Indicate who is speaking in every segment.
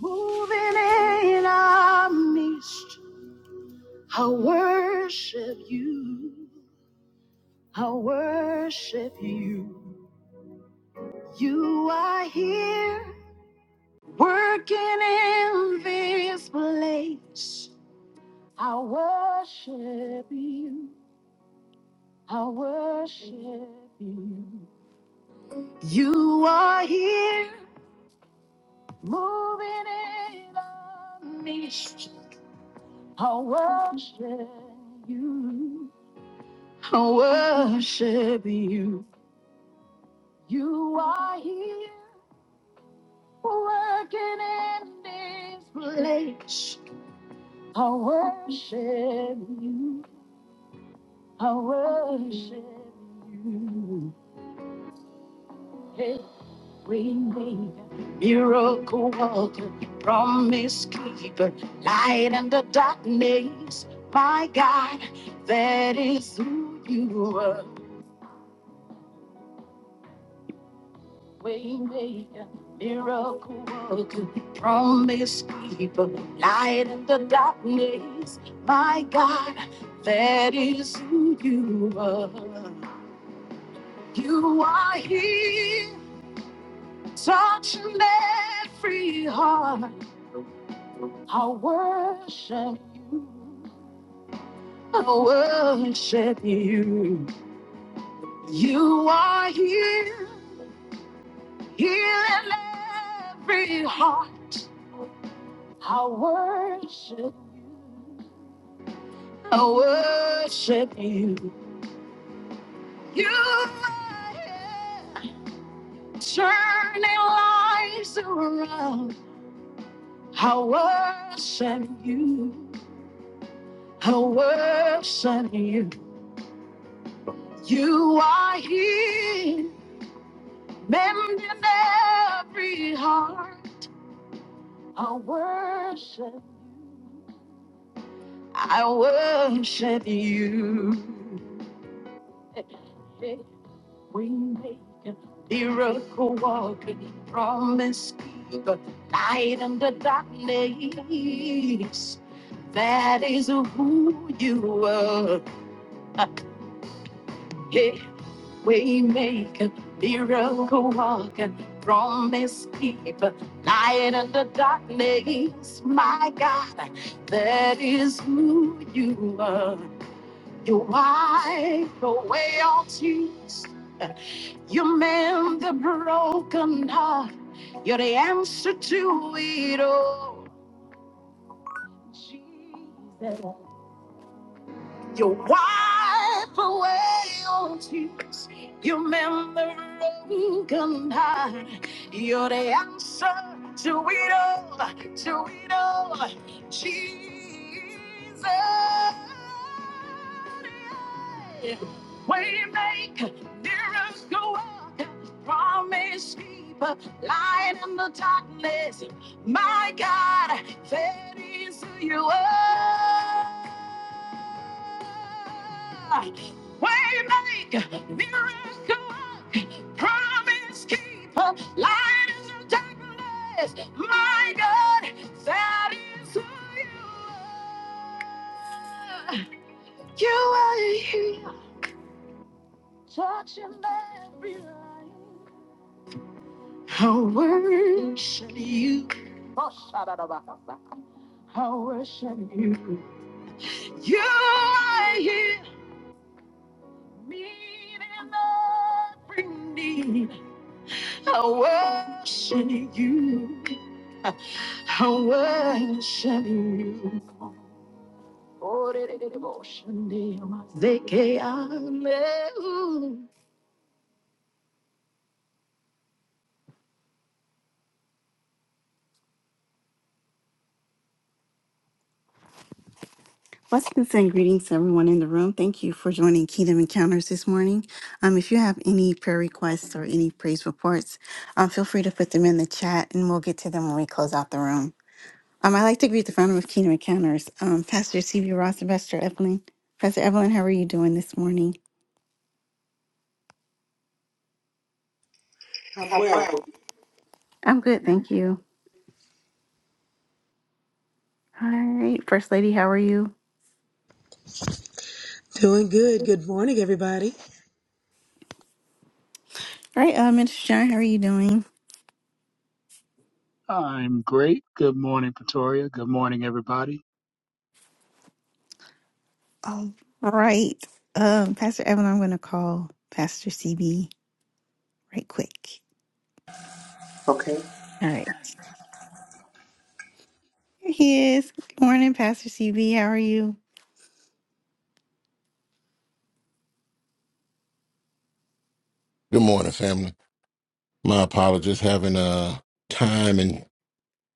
Speaker 1: Moving in our midst, I worship you. I worship you. You are here, working in this place. I worship you. I worship you. You are here, moving in our midst. I worship you. I worship you. You are here working in this place. I worship you. I worship you. Hey, we need miracle worker, promise keeper, light in the darkness. My God, that is who you are. Waymaker, miracle worker, promise keeper, light in the darkness. My God, that is who you are. You are here, touching every heart. I worship you. I worship you. You are here, healing every heart. I worship you. I worship you. You are turning lives around. I worship you. I worship you. You are here, mending every heart. I worship. I worship you. We make a miracle walking promise keeper, light in the darkness. That is who you are. Yeah, we make a miracle walking promise keeper, light in the darkness. My God, that is who you are. You wipe away all tears. You mend the broken heart. You're the answer to it all. Jesus. You wipe away all tears. You remember broken heart. You're the answer to it all, to it all. Jesus. yeah. We make miracle work, promise keeper, light in the darkness. My God, that is who you are. Waymaker, miracle, work, promise keeper, light in the darkness. My God, that is who you are. You are here, touching every line. I worship you. Oh, shut I worship you. You are here. Meet in every need. I worship you. I worship you. Oh, de- de- de- devotion, dear, my Zeke, Alleluia. Blessings and greetings to everyone in the room. Thank you for joining Kingdom Encounters this morning. Um, if you have any prayer requests or any praise reports, um, feel free to put them in the chat and we'll get to them when we close out the room. Um, I'd like to greet the founder of Kingdom Encounters, um, Pastor C.B. Ross and Pastor Evelyn. Pastor Evelyn, how are you doing this morning?
Speaker 2: I'm well.
Speaker 1: I'm good, thank you. All right, First Lady, how are you?
Speaker 3: Doing good. Good morning, everybody.
Speaker 1: All right, uh, Minister John, how are you doing?
Speaker 4: I'm great. Good morning, Pretoria. Good morning, everybody.
Speaker 1: All right, um, Pastor Evelyn, I'm going to call Pastor CB right quick.
Speaker 2: Okay.
Speaker 1: All right, here he is. Good morning, Pastor CB. How are you?
Speaker 5: Good morning, family. My apologies, having uh time and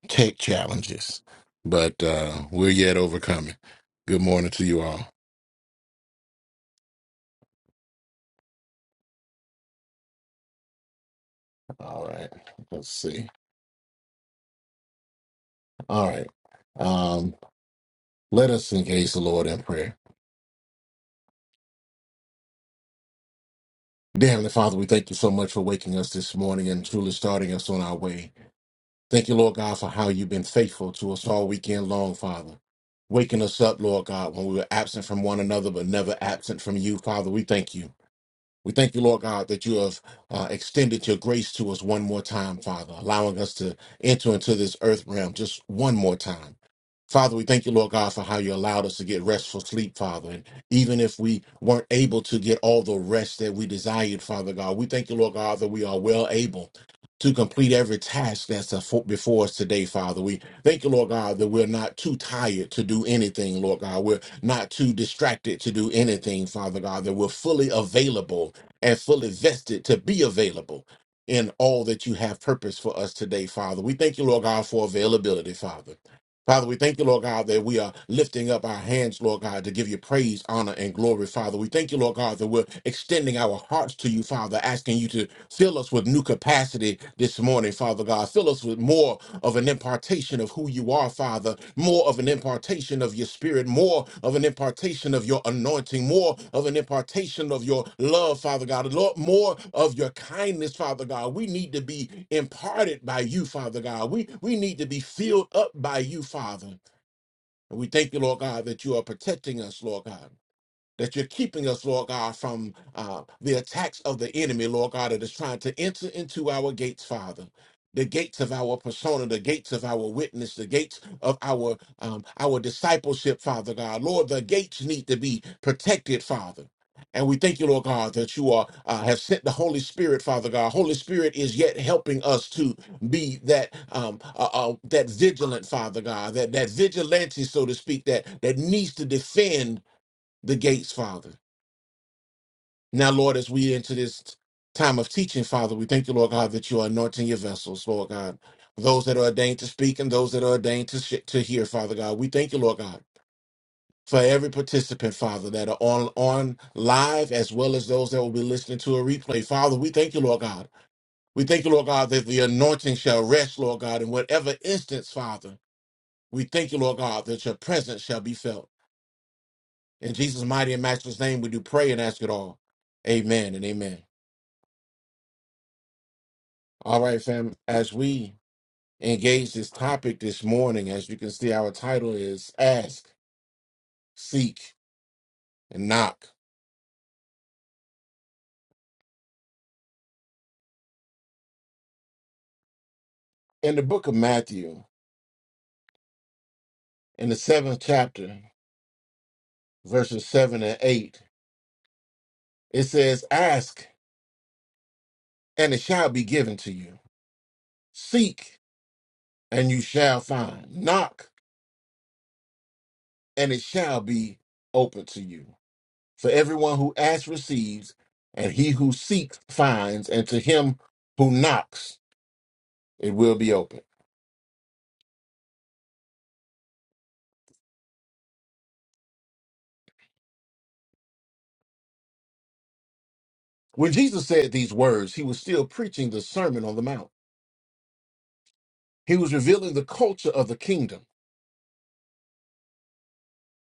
Speaker 5: tech challenges, but uh we're yet overcoming. Good morning to you all. All right, let's see. All right, um, let us engage the Lord in prayer. Dear Heavenly Father, we thank you so much for waking us this morning and truly starting us on our way. Thank you, Lord God, for how you've been faithful to us all weekend long, Father. Waking us up, Lord God, when we were absent from one another, but never absent from you, Father. We thank you. We thank you, Lord God, that you have uh, extended your grace to us one more time, Father, allowing us to enter into this earth realm just one more time. Father, we thank you, Lord God, for how you allowed us to get restful sleep, Father. And even if we weren't able to get all the rest that we desired, Father God, we thank you, Lord God, that we are well able to complete every task that's afo- before us today, Father. We thank you, Lord God, that we're not too tired to do anything, Lord God. We're not too distracted to do anything, Father God, that we're fully available and fully vested to be available in all that you have purpose for us today, Father. We thank you, Lord God, for availability, Father. Father, we thank you, Lord God, that we are lifting up our hands, Lord God, to give you praise, honor, and glory, Father. We thank you, Lord God, that we're extending our hearts to you, Father, asking you to fill us with new capacity this morning, Father God. Fill us with more of an impartation of who you are, Father, more of an impartation of your spirit, more of an impartation of your anointing, more of an impartation of your love, Father God, Lord, more of your kindness, Father God. We need to be imparted by you, Father God. We we need to be filled up by you, Father. And we thank you, Lord God, that you are protecting us, Lord God that you're keeping us, Lord God, from uh, the attacks of the enemy, Lord God, that is trying to enter into our gates, Father. The gates of our persona, the gates of our witness, the gates of our um, our discipleship, Father God, Lord, the gates need to be protected, Father. And we thank you, Lord God, that you are uh, have sent the Holy Spirit, Father God. Holy Spirit is yet helping us to be that um, uh, uh, that vigilant, Father God, that that vigilante, so to speak, that that needs to defend the gates, Father. Now, Lord, as we enter this time of teaching, Father, we thank you, Lord God, that you are anointing your vessels, Lord God. Those that are ordained to speak and those that are ordained to, sh- to hear, Father God. We thank you, Lord God, for every participant, Father, that are on, on live as well as those that will be listening to a replay. Father, we thank you, Lord God. We thank you, Lord God, that the anointing shall rest, Lord God, in whatever instance, Father. We thank you, Lord God, that your presence shall be felt. In Jesus' mighty and matchless name, we do pray and ask it all. Amen and amen. All right, fam. As we engage this topic this morning, as you can see, our title is Ask, Seek, and Knock. In the book of Matthew, in the seventh chapter, verses seven and eight, it says, Ask, and it shall be given to you. Seek, and you shall find. Knock, and it shall be open to you. For everyone who asks receives, and he who seeks finds, and to him who knocks it will be open. When Jesus said these words, he was still preaching the Sermon on the Mount. He was revealing the culture of the kingdom,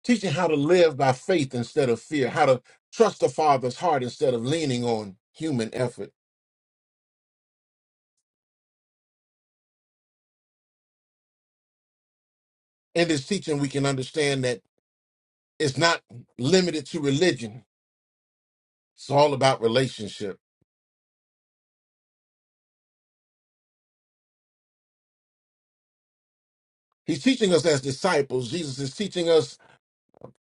Speaker 5: teaching how to live by faith instead of fear, how to trust the Father's heart instead of leaning on human effort. In this teaching, we can understand that it's not limited to religion, it's all about relationship. He's teaching us as disciples, Jesus is teaching us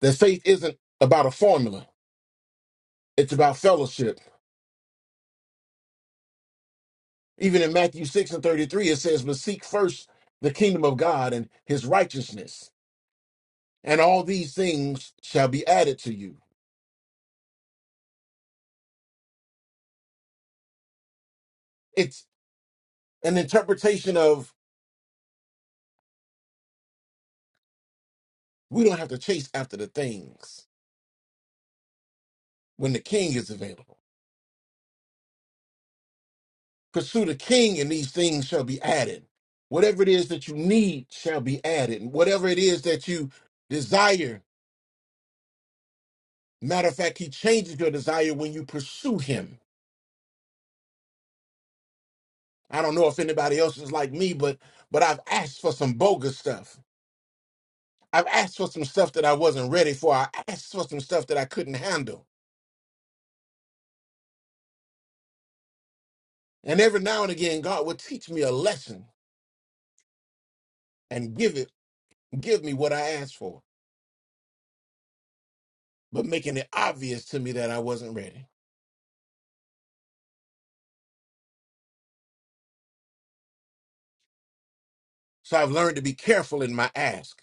Speaker 5: that faith isn't about a formula, it's about fellowship. Even in Matthew 6 and 33, it says, But seek first the kingdom of God and his righteousness and all these things shall be added to you. It's an interpretation of we don't have to chase after the things when the king is available. Pursue the king, and these things shall be added. Whatever it is that you need shall be added. And Whatever it is that you desire. Matter of fact, he changes your desire when you pursue him. I don't know if anybody else is like me, but but I've asked for some bogus stuff. I've asked for some stuff that I wasn't ready for. I asked for some stuff that I couldn't handle. And every now and again, God will teach me a lesson and give it, give me what I asked for, but making it obvious to me that I wasn't ready. So I've learned to be careful in my ask,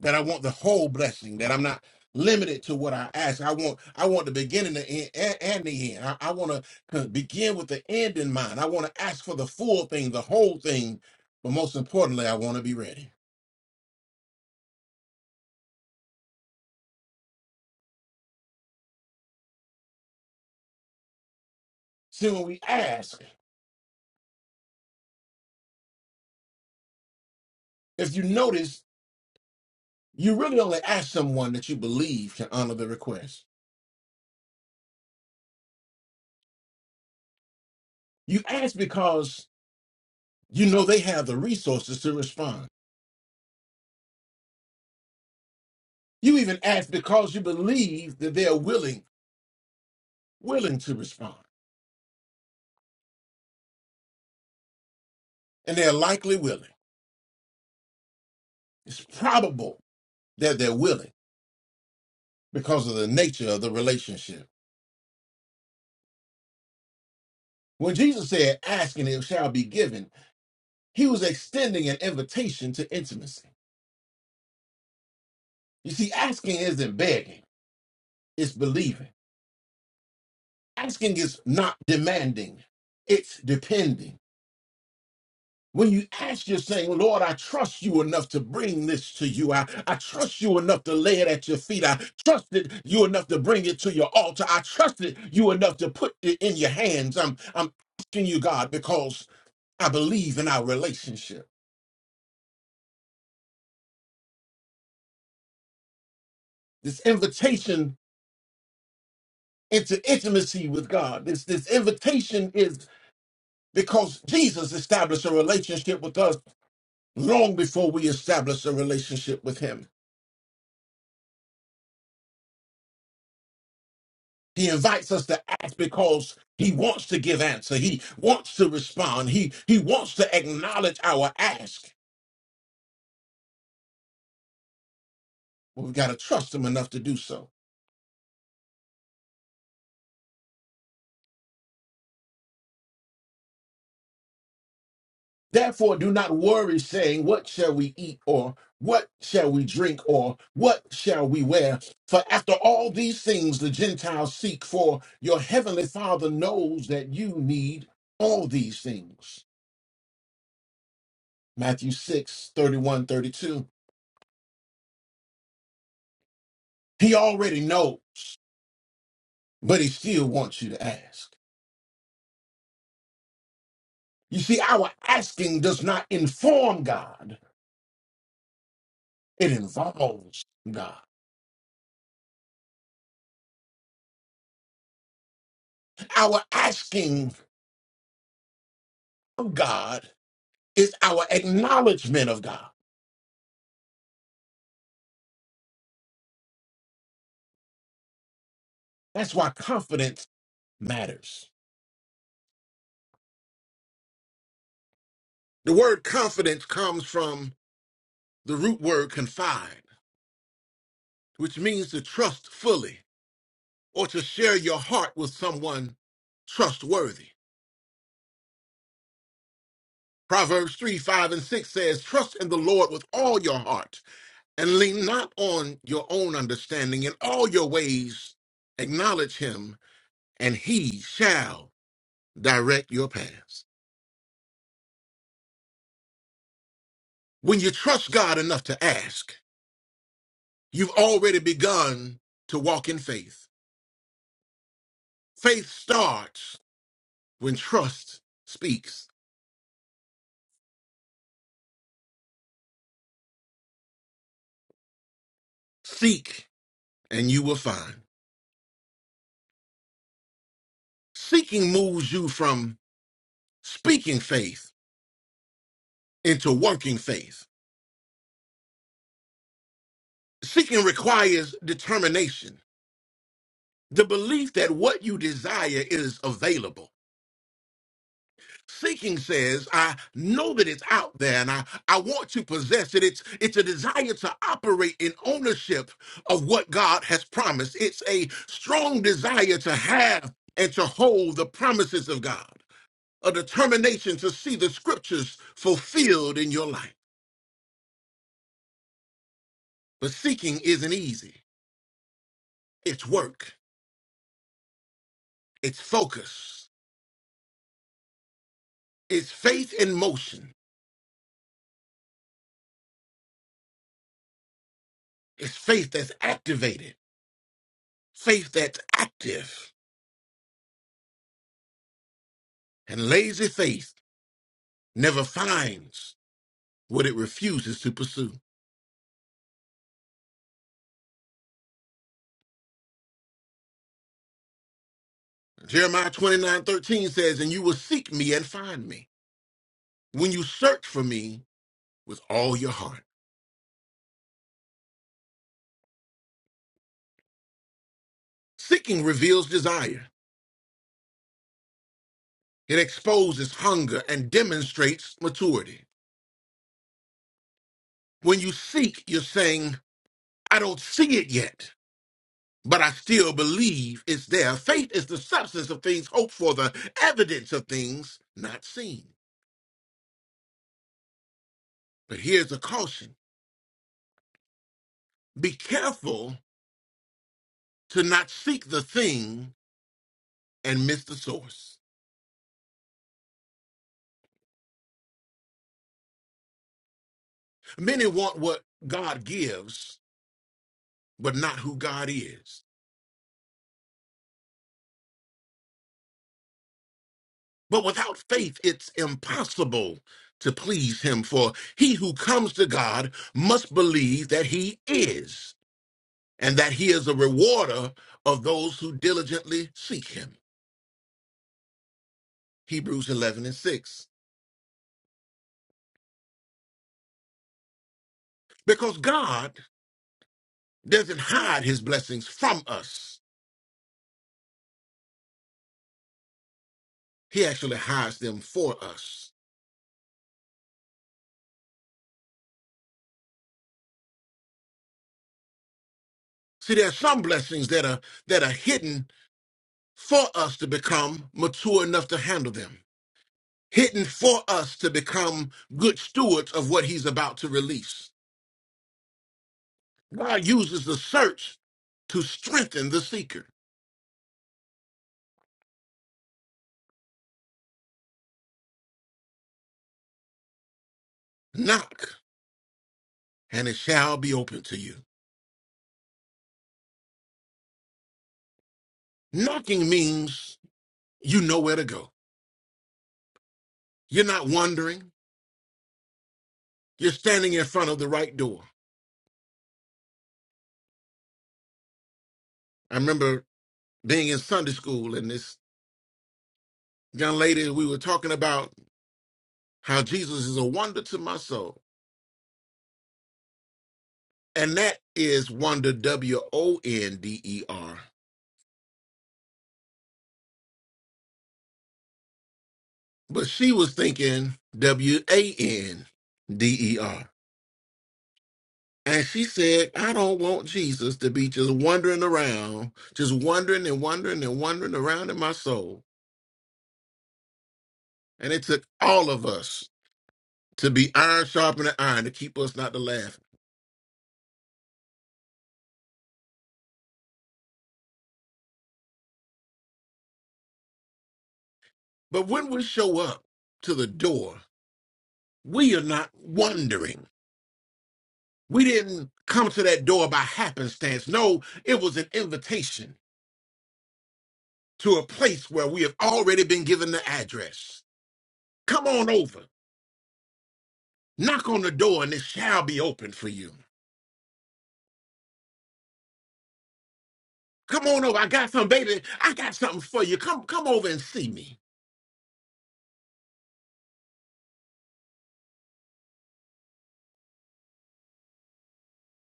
Speaker 5: that I want the whole blessing, that I'm not limited to what I ask. I want, I want the beginning, the end, and, and the end. I, I want to begin with the end in mind. I want to ask for the full thing, the whole thing, but most importantly, I want to be ready. See, when we ask, if you notice, you really only ask someone that you believe can honor the request. You ask because you know they have the resources to respond. You even ask because you believe that they are willing, willing to respond. And they're likely willing. It's probable that they're willing because of the nature of the relationship. When Jesus said, asking it shall be given, he was extending an invitation to intimacy. You see, asking isn't begging, it's believing. Asking is not demanding, it's depending. When you ask, you're saying, Lord, I trust you enough to bring this to you. I, I trust you enough to lay it at your feet. I trusted you enough to bring it to your altar. I trusted you enough to put it in your hands. I'm, I'm asking you, God, because I believe in our relationship. This invitation into intimacy with God, this, this invitation is because Jesus established a relationship with us long before we established a relationship with Him. He invites us to act because he wants to give answer. He wants to respond. He he wants to acknowledge our ask. But we've got to trust him enough to do so. Therefore, do not worry, saying, What shall we eat? or What shall we drink? or What shall we wear? For after all these things the Gentiles seek, for your heavenly Father knows that you need all these things. Matthew 6 31 32. He already knows, but he still wants you to ask. You see, our asking does not inform God, it involves God. Our asking of God is our acknowledgement of God. That's why confidence matters. The word confidence comes from the root word confide, which means to trust fully or to share your heart with someone trustworthy. Proverbs 3 5 and 6 says, Trust in the Lord with all your heart and lean not on your own understanding. In all your ways, acknowledge him, and he shall direct your paths. When you trust God enough to ask, you've already begun to walk in faith. Faith starts when trust speaks. Seek, and you will find. Seeking moves you from speaking faith into working faith. Seeking requires determination, the belief that what you desire is available. Seeking says, I know that it's out there and I, I want to possess it. It's it's a desire to operate in ownership of what God has promised. It's a strong desire to have and to hold the promises of God, a determination to see the scriptures fulfilled in your life. But seeking isn't easy. It's work, it's focus, it's faith in motion, it's faith that's activated, faith that's active, and lazy faith never finds what it refuses to pursue. Jeremiah 29 13 says, And you will seek me and find me when you search for me with all your heart. Seeking reveals desire, it exposes hunger and demonstrates maturity. When you seek, you're saying, I don't see it yet, but I still believe it's there. Faith is the substance of things hoped for, the evidence of things not seen. But here's a caution be careful to not seek the thing and miss the source. Many want what God gives, but not who God is. But without faith, it's impossible to please Him, for he who comes to God must believe that He is, and that He is a rewarder of those who diligently seek Him. Hebrews 11 and 6. Because God doesn't hide His blessings from us, He actually hides them for us. See, there are some blessings that are that are hidden for us to become mature enough to handle them, hidden for us to become good stewards of what he's about to release. God uses the search to strengthen the seeker. Knock, and it shall be open to you. Knocking means you know where to go. You're not wandering, you're standing in front of the right door. I remember being in Sunday school, and this young lady, we were talking about how Jesus is a wonder to my soul. And that is Wonder W O N D E R. But she was thinking W A N D E R. And she said, I don't want Jesus to be just wandering around, just wandering and wandering and wandering around in my soul. And it took all of us to be iron sharpening iron to keep us not to laugh. But when we show up to the door, we are not wandering. We didn't come to that door by happenstance. No, it was an invitation. to a place where we have already been given the address. Come on over. Knock on the door and it shall be open for you. Come on over. I got some baby. I got something for you. Come come over and see me.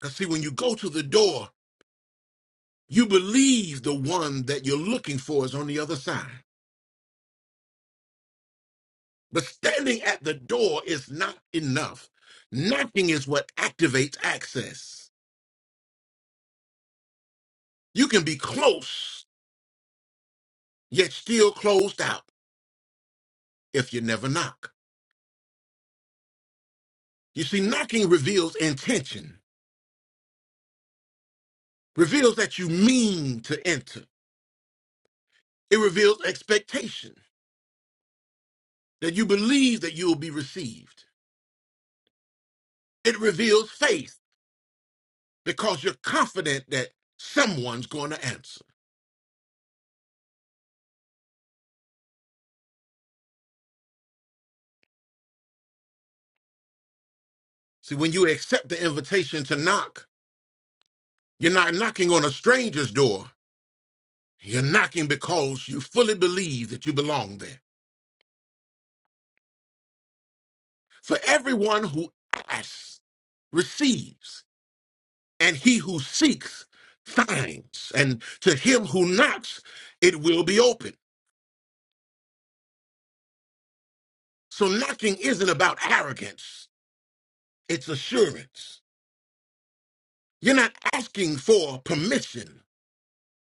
Speaker 5: Cause see, when you go to the door, you believe the one that you're looking for is on the other side. But standing at the door is not enough. Knocking is what activates access. You can be close, yet still closed out if you never knock. You see, knocking reveals intention. reveals that you mean to enter. It reveals expectation, that you believe that you will be received. It reveals faith because you're confident that someone's going to answer. See, when you accept the invitation to knock, you're not knocking on a stranger's door. You're knocking because you fully believe that you belong there. For everyone who asks receives, and he who seeks finds, and to him who knocks, it will be open. So knocking isn't about arrogance, it's assurance. You're not asking for permission,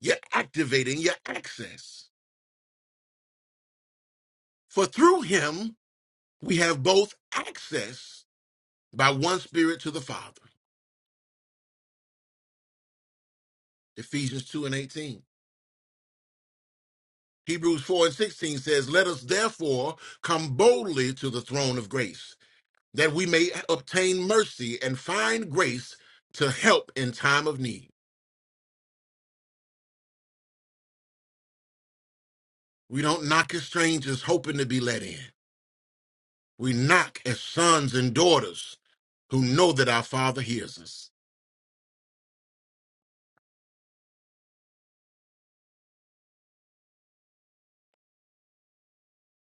Speaker 5: you're activating your access. For through him, we have both access by one spirit to the Father. Ephesians 2 and 18. Hebrews 4 and 16 says, Let us therefore come boldly to the throne of grace, that we may obtain mercy and find grace to help in time of need. We don't knock as strangers hoping to be let in. We knock as sons and daughters who know that our Father hears us.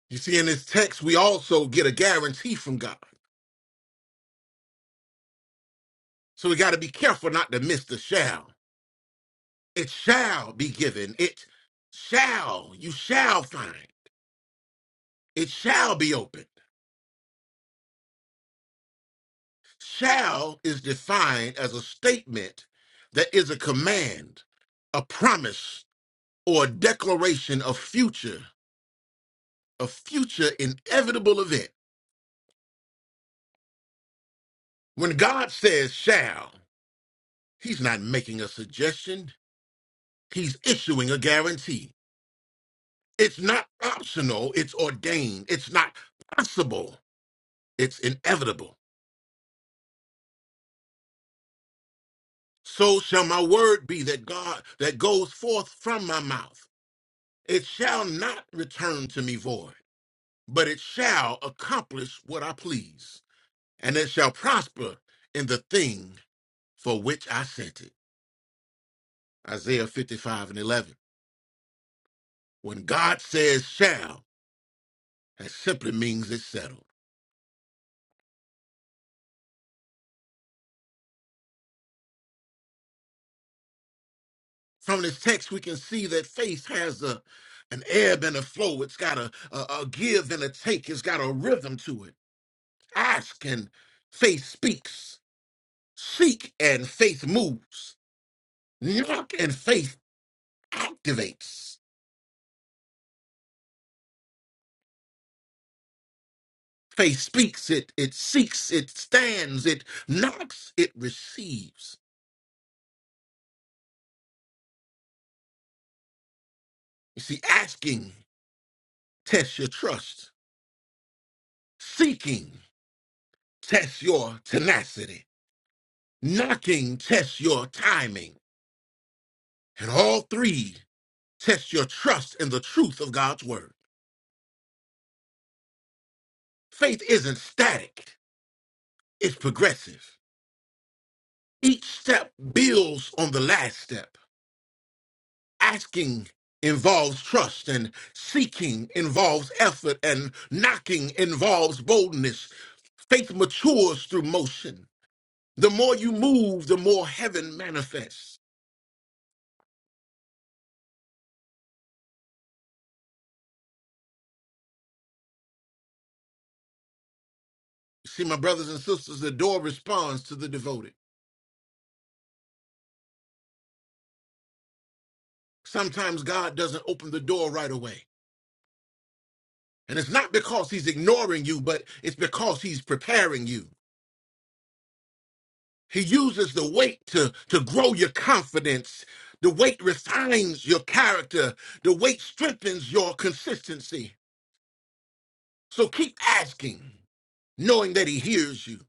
Speaker 5: You see, in this text, we also get a guarantee from God. So we got to be careful not to miss the shall. It shall be given. It shall, you shall find. It shall be opened. Shall is defined as a statement that is a command, a promise, or a declaration of future, a future inevitable event. When God says shall, He's not making a suggestion. He's issuing a guarantee. It's not optional, it's ordained. It's not possible, it's inevitable. So shall my word be that God that goes forth from my mouth. It shall not return to me void, but it shall accomplish what I please, and it shall prosper in the thing for which I sent it. Isaiah 55 and 11. When God says shall, that simply means it's settled. From this text, we can see that faith has a an ebb and a flow. It's got a, a, a give and a take. It's got a rhythm to it. Ask and faith speaks. Seek and faith moves. Knock and faith activates. Faith speaks, it it seeks, it stands, it knocks, it receives. You see, asking tests your trust. Seeking tests your tenacity. Knocking tests your timing. And all three Test your trust in the truth of God's word. Faith isn't static, it's progressive. Each step builds on the last step. Asking involves trust, and seeking involves effort, and knocking involves boldness. Faith matures through motion. The more you move, the more heaven manifests. See, my brothers and sisters, the door responds to the devoted. Sometimes God doesn't open the door right away. And it's not because he's ignoring you, but it's because he's preparing you. He uses the weight to, to grow your confidence. The weight refines your character. The weight strengthens your consistency. So keep asking, knowing that he hears you.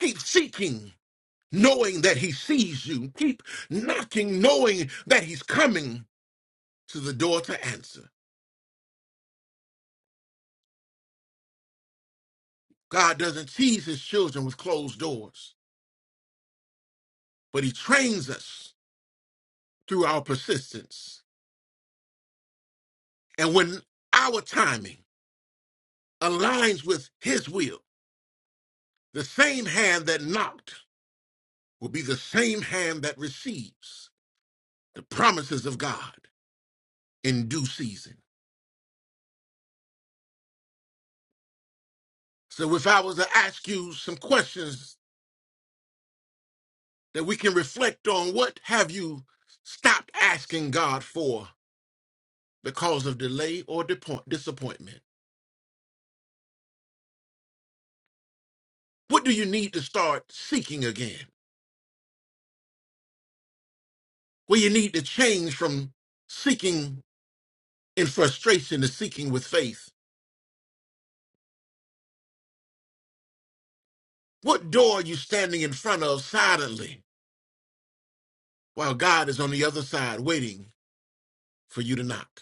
Speaker 5: Keep seeking, knowing that he sees you. Keep knocking, knowing that he's coming to the door to answer. God doesn't tease his children with closed doors, but he trains us through our persistence. And when our timing aligns with his will, the same hand that knocked will be the same hand that receives the promises of God in due season. So if I was to ask you some questions that we can reflect on, what have you stopped asking God for because of delay or depo- disappointment? What do you need to start seeking again? Well, you need to change from seeking in frustration to seeking with faith What door are you standing in front of silently while God is on the other side waiting for you to knock?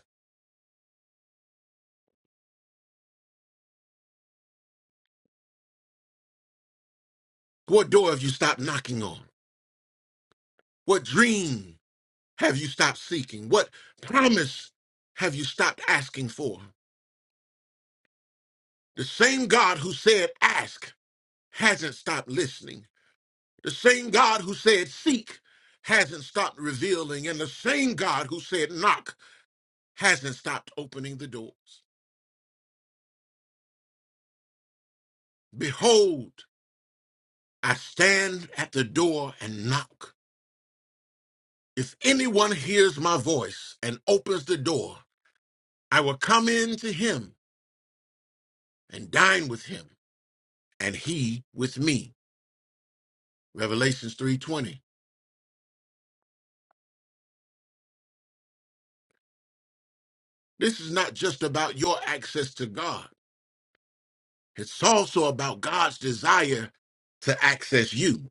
Speaker 5: What door have you stopped knocking on? What dream have you stopped seeking? What promise have you stopped asking for? The same God who said ask hasn't stopped listening. The same God who said seek hasn't stopped revealing. And the same God who said knock hasn't stopped opening the doors. Behold, I stand at the door and knock. If anyone hears my voice and opens the door, I will come in to him and dine with him, and he with me. Revelations 3:20. This is not just about your access to God. It's also about God's desire to access you.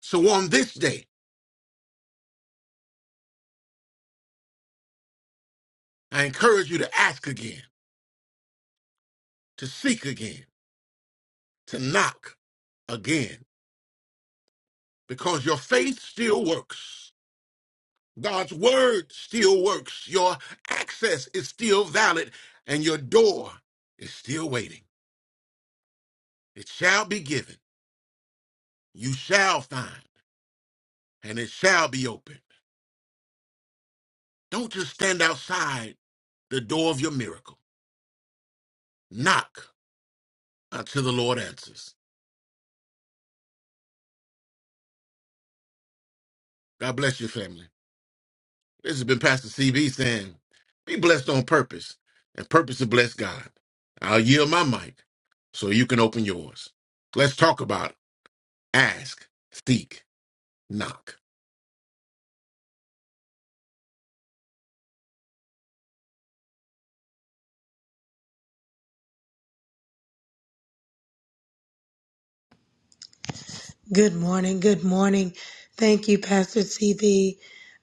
Speaker 5: So on this day, I encourage you to ask again, to seek again, to knock again, because your faith still works. God's word still works. Your access is still valid, and your door is still waiting. It shall be given. You shall find, and it shall be opened. Don't just stand outside the door of your miracle. Knock until the Lord answers. God bless your family. This has been Pastor CB saying, be blessed on purpose, and purpose to bless God. I'll yield my mic so you can open yours. Let's talk about ask, seek, knock.
Speaker 3: Good morning. Good morning. Thank you, Pastor CB.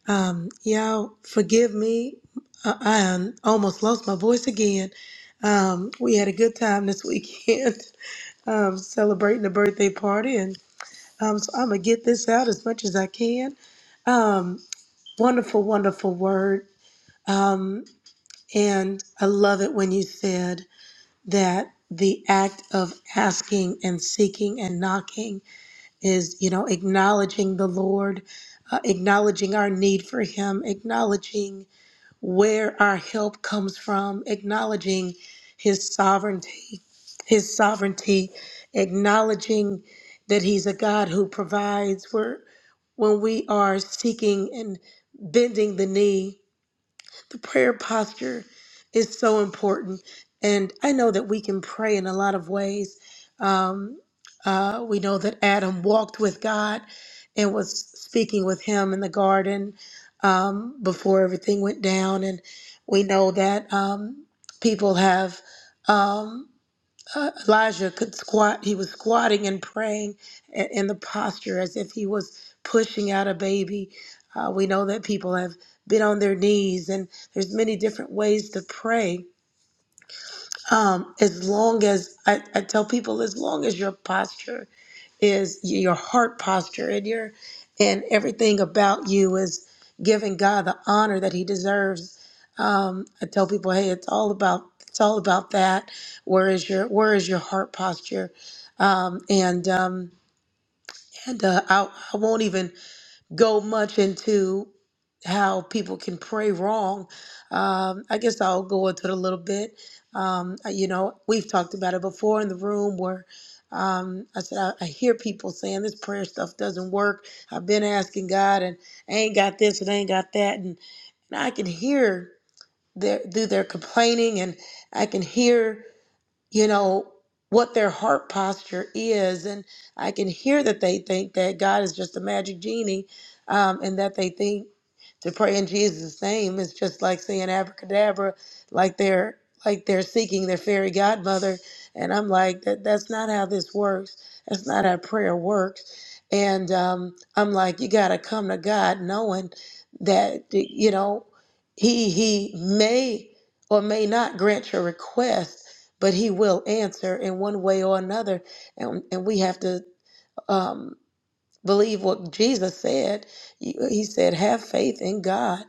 Speaker 3: Um, y'all, forgive me. I, I um, almost lost my voice again. Um, we had a good time this weekend um, celebrating a birthday party, and um, so I'm going to get this out as much as I can. Um, wonderful, wonderful word. Um, and I love it when you said that the act of asking and seeking and knocking is you know acknowledging the lord uh, acknowledging our need for him acknowledging where our help comes from acknowledging his sovereignty his sovereignty acknowledging that he's a god who provides where when we are seeking and bending the knee the prayer posture is so important. And I know that we can pray in a lot of ways. Um, uh, we know that Adam walked with God and was speaking with him in the garden um, before everything went down. And we know that um, people have. Um, uh, Elijah could squat. He was squatting and praying i- in the posture as if he was pushing out a baby. Uh, we know that people have been on their knees, and there's many different ways to pray um, as long as I, I tell people, as long as your posture is your heart posture and your and everything about you is giving God the honor that He deserves. Um, I tell people, hey, it's all about it's all about that. Where is your where is your heart posture? Um, and um, and uh, I, I won't even go much into how people can pray wrong. Um, I guess I'll go into it a little bit. Um, I- you know, we've talked about it before in the room where um, I said, I, I hear people saying this prayer stuff doesn't work. I've been asking God and I ain't got this and I ain't got that. And, and I can hear their, through their complaining and I can hear you know, what their heart posture is. And I can hear that they think that God is just a magic genie um, and that they think to pray in Jesus' name is just like saying abracadabra, like they're like they're seeking their fairy godmother. And I'm like, that that's not how this works. That's not how prayer works. And um, I'm like, you gotta come to God knowing that you know, He He may or may not grant your request but he will answer in one way or another and, and we have to um, believe what jesus said he he said have faith in god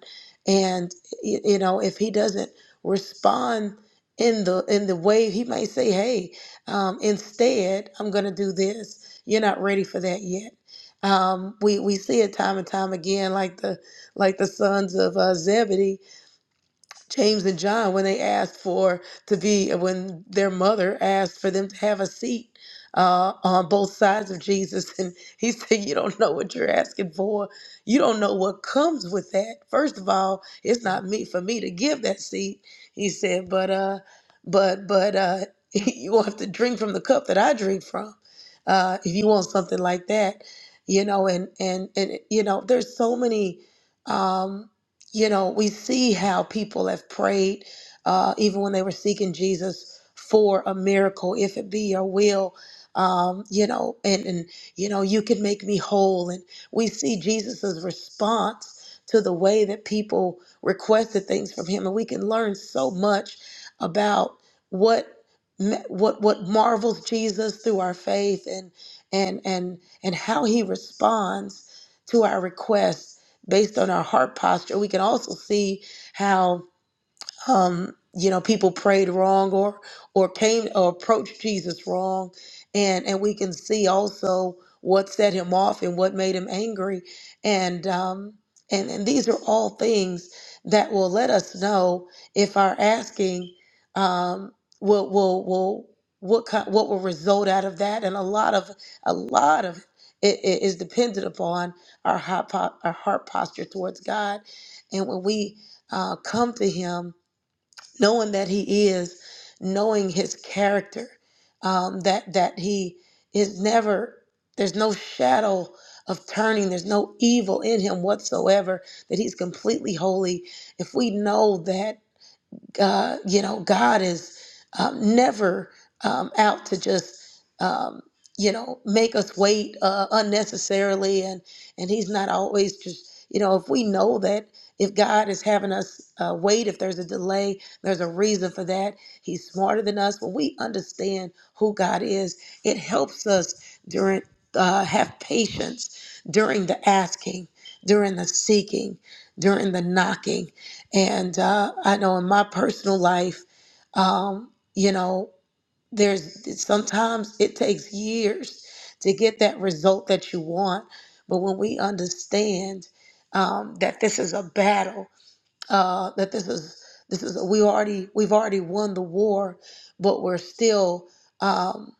Speaker 3: and y- you know if he doesn't respond in the in the way he may say hey um, instead i'm going to do this you're not ready for that yet um, we we see it time and time again like the like the sons of uh, zebedee James and John when they asked for to be when their mother asked for them to have a seat uh, on both sides of Jesus, and he said, "You don't know what you're asking for. You don't know what comes with that. First of all, it's not me for me to give that seat." He said, "But uh, but but uh, you will have to drink from the cup that I drink from uh, if you want something like that." You know, and and and you know, there's so many. Um, you know, we see how people have prayed, uh, even when they were seeking Jesus for a miracle, if it be your will, um, you know, and, and, you know, you can make me whole. And we see Jesus's response to the way that people requested things from him. And we can learn so much about what what what marvels Jesus through our faith and and and and how he responds to our requests based on our heart posture. We can also see how um, you know, people prayed wrong or or came or approached Jesus wrong, and and we can see also what set him off and what made him angry, and um, and and these are all things that will let us know if our asking um, will will will what kind, what will result out of that, and a lot of a lot of it, it is dependent upon our heart, po- our heart posture towards God, and when we uh, come to Him knowing that he is, knowing his character, um, that that he is never. There's no shadow of turning. There's no evil in him whatsoever. That he's completely holy. If we know that. God, you know, God is um, never um, out to just, um, you know, make us wait uh, unnecessarily, and and He's not always just, you know, if we know that if God is having us uh, wait, if there's a delay, there's a reason for that. He's smarter than us. When we understand who God is, it helps us during uh, have patience during the asking, during the seeking, during the knocking and uh, I know in my personal life, um, you know, there's sometimes it takes years to get that result that you want. But when we understand um, that this is a battle, uh, that this is this is we already we've already won the war, but we're still. um,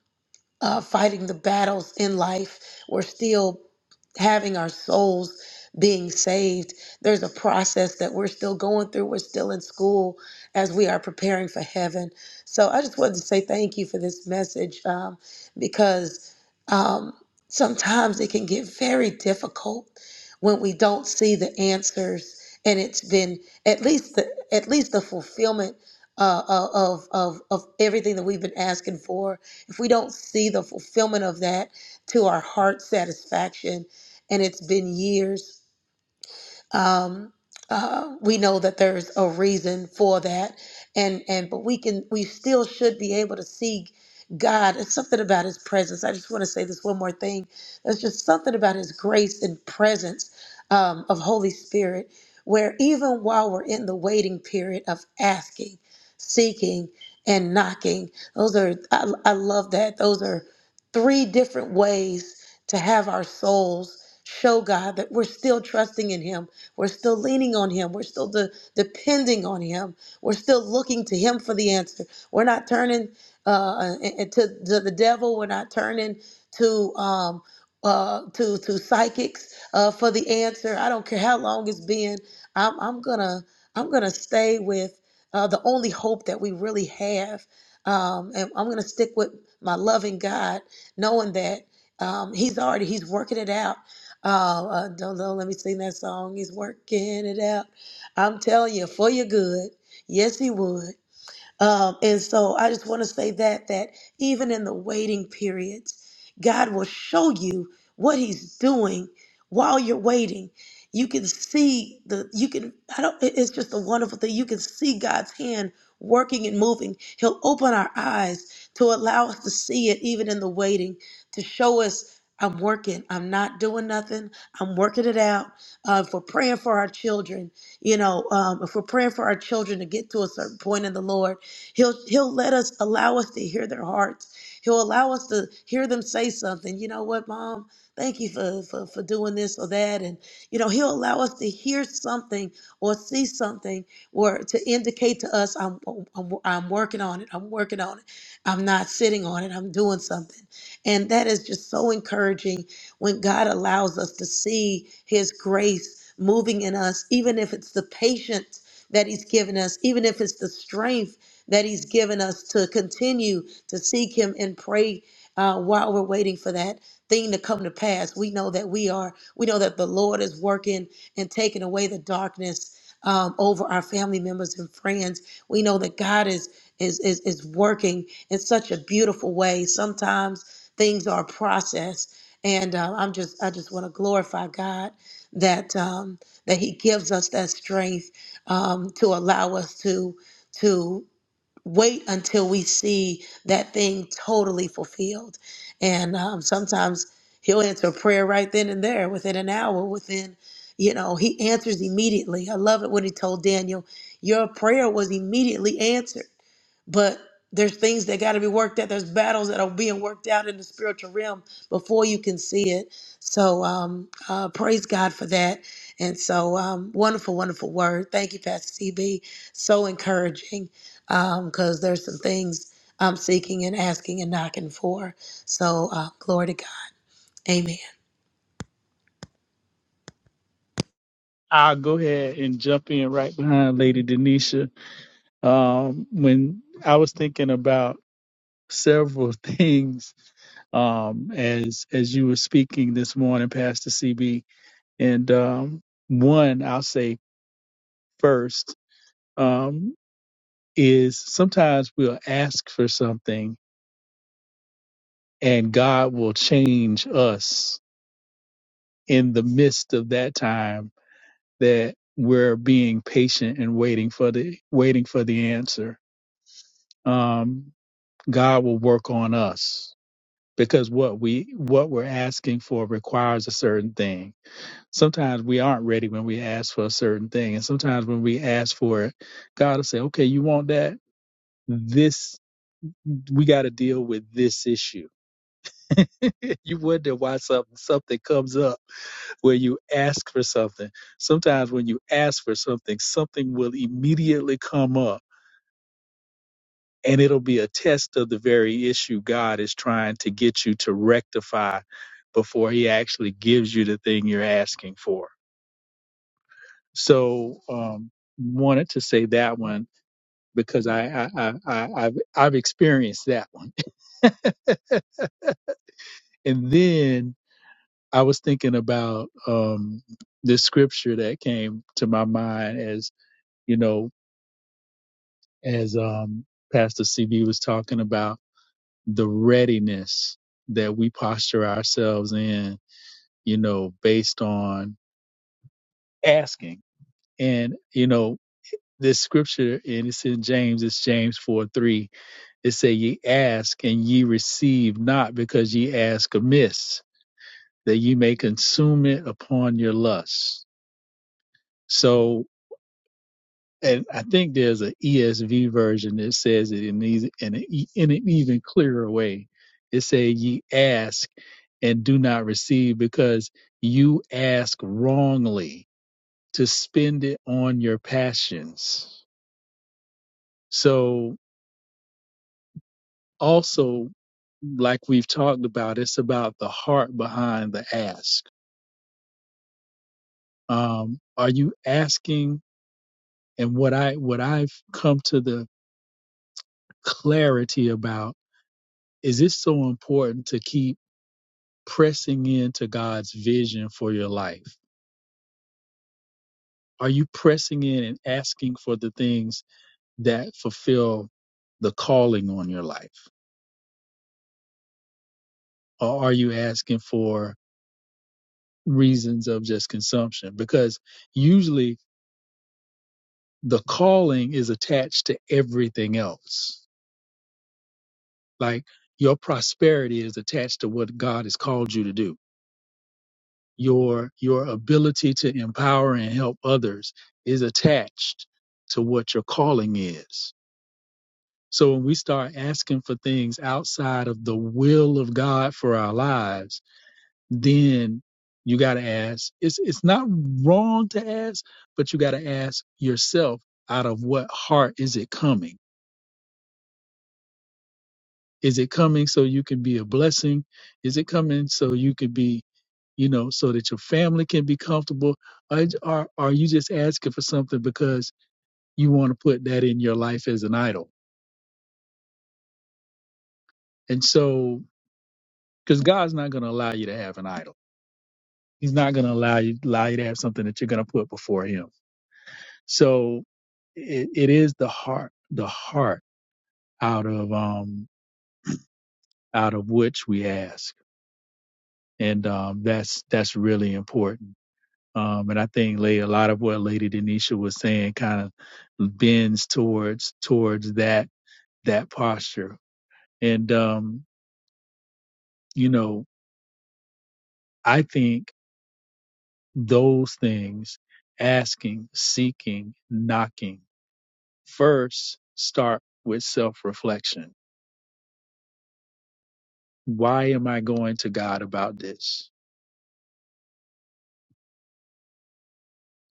Speaker 3: uh, fighting the battles in life. We're still having our souls being saved. There's a process that we're still going through. We're still in school as we are preparing for heaven. So I just wanted to say thank you for this message um, because um, sometimes it can get very difficult when we don't see the answers. And it's been at least the, at least the fulfillment uh, uh, of, of of everything that we've been asking for if we don't see the fulfillment of that to our heart satisfaction, and it's been years um, uh, we know that there's a reason for that and and but we can we still should be able to see god it's something about his presence i just want to say this one more thing there's just something about his grace and presence um, of holy spirit where even while we're in the waiting period of asking seeking and knocking those are i, I love that those are three different ways to have our souls show god that we're still trusting in him we're still leaning on Him. We're still de- depending on Him. We're still looking to Him for the answer. We're not turning uh, uh, eh, eh, to, to the devil. We're not turning to um, uh, to to psychics uh, for the answer. I don't care how long it's been. I'm, I'm gonna I'm gonna stay with uh, the only hope that we really have, um, and I'm gonna stick with my loving God, knowing that um, He's already He's working it out. Oh, uh, don't, don't let me sing that song. He's working it out. I'm telling you, for your good. Yes, he would. Um, and so I just want to say that that even in the waiting periods, God will show you what He's doing while you're waiting. You can see the you can I don't it- it's just a wonderful thing. You can see God's hand working and moving. He'll open our eyes to allow us to see it even in the waiting, to show us I'm working. I'm not doing nothing. I'm working it out. Uh, if we're praying for our children, you know, um, if we're praying for our children to get to a certain point in the Lord, He'll he'll let us allow us to hear their hearts. He'll allow us to hear them say something. You know what, mom? Thank you for, for for doing this or that. And you know, he'll allow us to hear something or see something or to indicate to us, I'm I'm, I'm working on it. I'm working on it. I'm not sitting on it. I'm doing something. And that is just so encouraging when God allows us to see his grace moving in us, even if it's the patience that he's given us, even if it's the strength that He's given us to continue to seek Him and pray uh, while we're waiting for that thing to come to pass. We know that we are, we know that the Lord is working and taking away the darkness. Um, over our family members and friends, we know that God is is is is working in such a beautiful way. Sometimes things are a process, and uh, I'm just I just want to glorify God that um, that He gives us that strength um, to allow us to to wait until we see that thing totally fulfilled. And um, sometimes he'll answer a prayer right then and there, within an hour, within, you know, he answers immediately. I love it when he told Daniel, Your prayer was immediately answered. But there's things that got to be worked out. There's battles that are being worked out in the spiritual realm before you can see it. So um, uh, praise God for that. And so um, wonderful, wonderful word. Thank you, Pastor CB. So encouraging because there's some things I'm seeking and asking and knocking for. So uh, glory to God. Amen.
Speaker 4: I'll go ahead and jump in right behind Lady Denisha. Um, when I was thinking about several things um, as as you were speaking this morning, Pastor CB, and um, one I'll say first um, is sometimes we'll ask for something and God will change us in the midst of that time that we're being patient and waiting for the waiting for the answer. Um, God will work on us because what we what we're asking for requires a certain thing. Sometimes we aren't ready when we ask for a certain thing, and sometimes when we ask for it, God will say, "Okay, you want that." This we got to deal with this issue. you wonder why something something comes up where you ask for something. Sometimes when you ask for something, something will immediately come up and it'll be a test of the very issue God is trying to get you to rectify before he actually gives you the thing you're asking for. So, um, wanted to say that one because I, I, I, I I've, I've experienced that one. And then I was thinking about, um, this scripture that came to my mind as, you know, as um, Pastor CB was talking about, the readiness that we posture ourselves in, you know, based on asking. And, you know, this scripture, and it's in James, it's James 4 3. It say, Ye ask and ye receive not because ye ask amiss, that ye may consume it upon your lusts. So and I think there's an ESV version that says it in these in an, e- in an even clearer way. It says, "Ye ask and do not receive, because you ask wrongly to spend it on your passions." So also, like we've talked about, it's about the heart behind the ask. Um, are you asking? And what I what I've come to the clarity about is it's so important to keep pressing into God's vision for your life? Are you pressing in and asking for the things that fulfill the calling on your life? Or are you asking for reasons of just consumption? Because usually the calling is attached to everything else. Like your prosperity is attached to what God has called you to do. Your your ability to empower and help others is attached to what your calling is So when we start asking for things outside of the will of God for our lives, then you got to ask. It's it's not wrong to ask, but you got to ask yourself out of what heart is it coming? Is it coming so you can be a blessing? Is it coming so you can be, you know, so that your family can be comfortable? Or are are you just asking for something because you want to put that in your life as an idol? And so because God's not going to allow you to have an idol He's not going to allow you allow you to have something that you're going to put before him. So it, it is the heart, the heart out of um out of which we ask, and um that's that's really important. Um, and I think lay a lot of what Lady Denisha was saying kind of bends towards towards that that posture. And um, you know, I think those things asking, seeking, knocking. First, start with self reflection. Why am I going to God about this?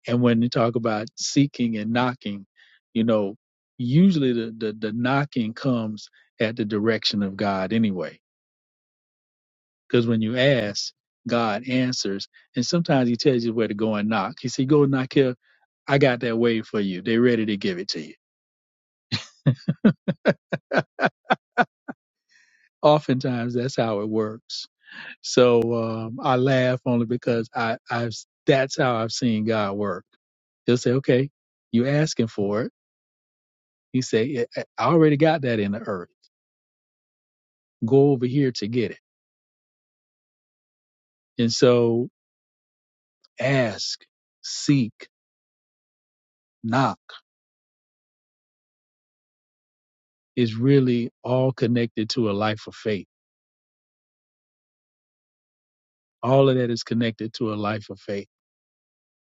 Speaker 4: And when you talk about seeking and knocking, you know, usually the, the, the knocking comes at the direction of God anyway. Because when you ask, God answers. And sometimes He tells you where to go and knock. He said, Go knock here. I got that way for you. They're ready to give it to you. Oftentimes, that's how it works So um, I laugh only because I, I've that's how I've seen God work. He'll say, "Okay, you asking for it." He say, "I I already got that in the earth. Go over here to get it." And so, ask, seek, knock is really all connected to a life of faith. All of that is connected to a life of faith.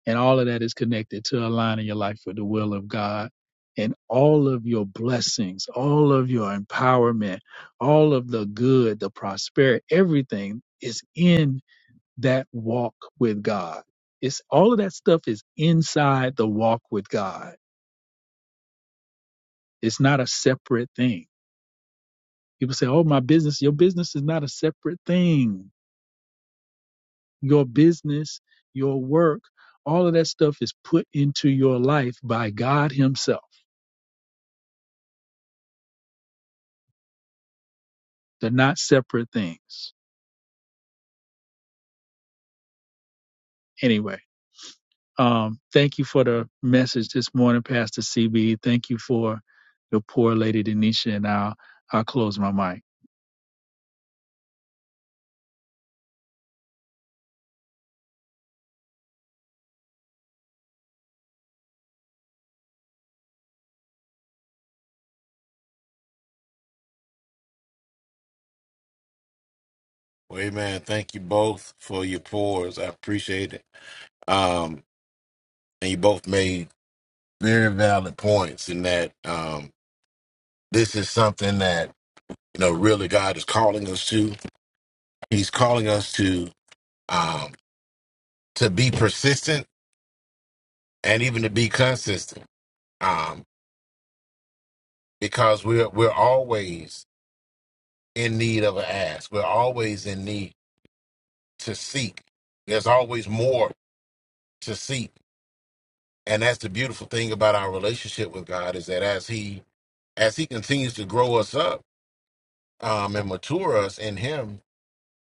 Speaker 4: And all of that is connected to aligning your life with the will of God. And all of your blessings, all of your empowerment, all of the good, the prosperity, everything is in that walk with God. It's all of that stuff is inside the walk with God. It's not a separate thing. People say, Oh, my business, your business is not a separate thing. Your business, your work, all of that stuff is put into your life by God Himself They're not separate things. Anyway, um, thank you for the message this morning, Pastor CB. Thank you for your poor lady Denisha, and I'll I'll close my mic.
Speaker 5: Well, amen. Thank you both for your pours. I appreciate it. Um, and you both made very valid points in that um, this is something that you know really God is calling us to. He's calling us to um, to be persistent and even to be consistent, um, because we're we're always in need of an ask. We're always in need to seek. There's always more to seek, and that's the beautiful thing about our relationship with God is that as He as he continues to grow us up um, and mature us in him,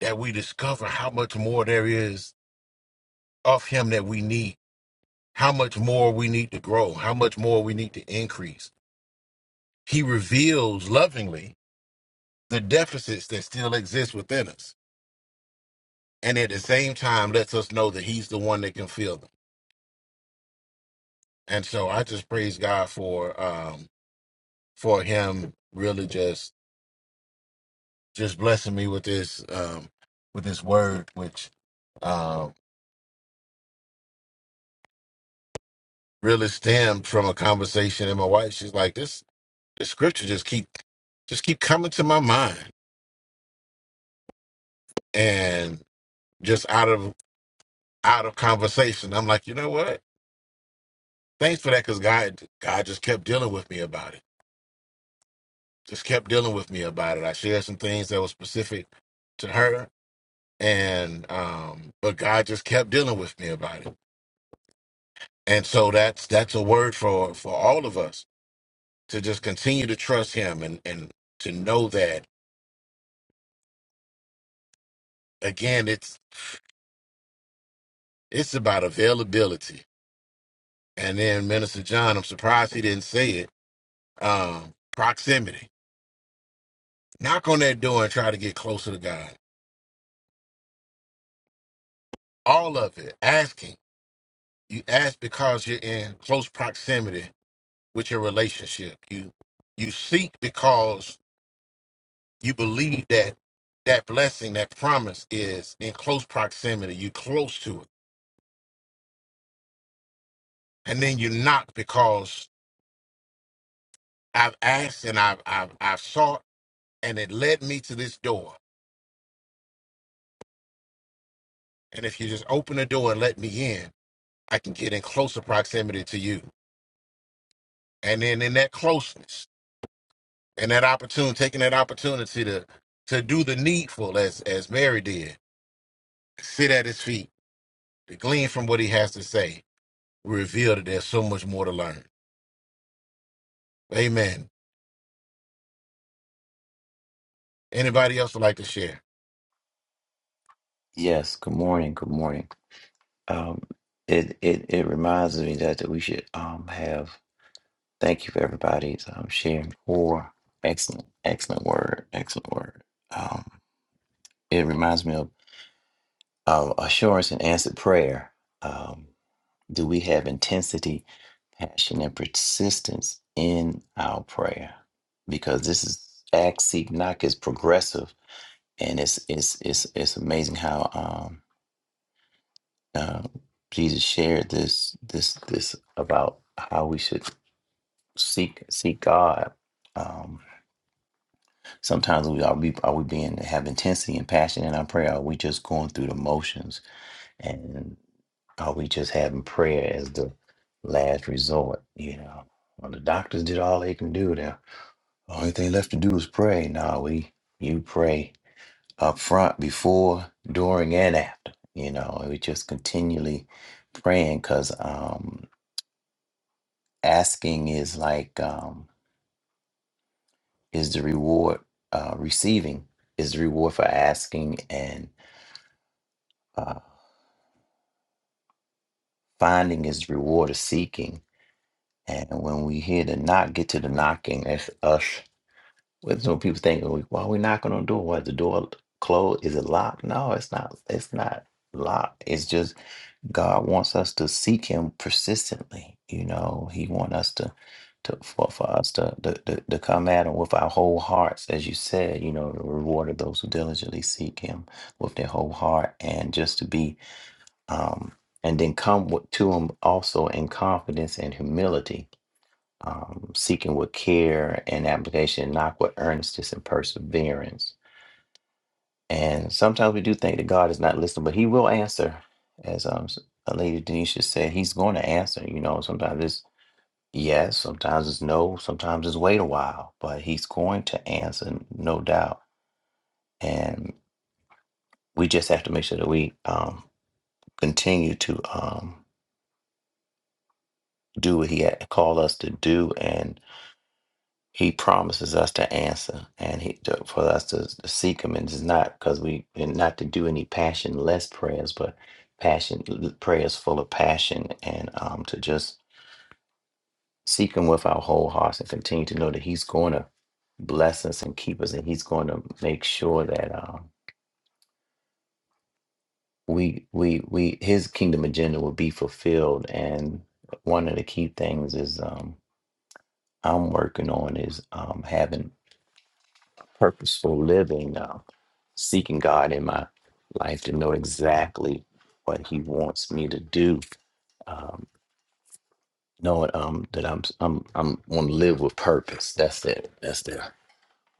Speaker 5: that we discover how much more there is of him that we need, how much more we need to grow, how much more we need to increase. He reveals lovingly the deficits that still exist within us. And at the same time, lets us know that he's the one that can fill them. And so I just praise God for um, for him really just just blessing me with this um, with this word, which um, really stemmed from a conversation and my wife she's like this the scripture just keep just keep coming to my mind and just out of out of conversation i'm like you know what thanks for that because god god just kept dealing with me about it just kept dealing with me about it i shared some things that were specific to her and um but god just kept dealing with me about it and so that's that's a word for for all of us to just continue to trust him and and to know that again it's. It's about availability. And then Minister John, I'm surprised he didn't say it. Um, proximity. Knock on that door and try to get closer to God. All of it. Asking. You ask because you're in close proximity with your relationship. You you seek because you believe that that blessing, that promise is in close proximity. You close to it. And then you knock because I've asked and I've I've I've sought and it led me to this door And if you just open the door and let me in, I can get in closer proximity to you. And then in that closeness and that opportunity, taking that opportunity to to do the needful as as Mary did, sit at his feet, to glean from what he has to say, reveal that there's so much more to learn. Amen. Anybody else would like to share?
Speaker 6: Yes, good morning. Good morning. Um, it it it reminds me that, that we should um have thank you for everybody's um sharing for excellent excellent word excellent word. Um, it reminds me of of assurance and answered prayer. Um, do we have intensity, passion, and persistence in our prayer? Because this is act seek knock is progressive, and it's it's it's it's amazing how um Uh, Jesus shared this this this about how we should seek seek God. Um, sometimes we are we are we being have intensity and passion in our prayer. Are we just going through the motions and are we just having prayer as the last resort? You know, well, the doctors did all they can do. The only thing left to do is pray. No, we you pray up front, before, during, and after. You know, and we just continually praying because asking is like um is the reward uh receiving is the reward for asking and uh finding is the reward of seeking and when we hear the knock get to the knocking that's us when some people think "Oh, why are we knocking on the door what the door closed is it locked no it's not it's not locked it's just God wants us to seek Him persistently. You know, He wants us to, to for, for us to, to, to to come at Him with our whole hearts, as you said. You know, the reward of those who diligently seek Him with their whole heart, and just to be, um, and then come with, to Him also in confidence and humility, um, seeking with care and application, not with earnestness and perseverance and sometimes we do think that God is not listening, but He will answer. As um, s- uh, Lady Denisha said, He's going to answer. You know, sometimes it's yes, sometimes it's no, sometimes it's wait a while, but He's going to answer, no doubt. And we just have to make sure that we um, continue to um, do what He had called us to do. and. He promises us to answer, and he to, for us to, to seek Him, and it's not because we and not to do any passionless prayers, but passion prayers full of passion, and um, to just seek Him with our whole hearts, and continue to know that He's going to bless us and keep us, and He's going to make sure that um, we we we His kingdom agenda will be fulfilled. And one of the key things is um, I'm working on is um, having purposeful living now, seeking God in my life to know exactly what He wants me to do. Um, knowing um, that I'm I'm I'm want to live with purpose. That's it. That's the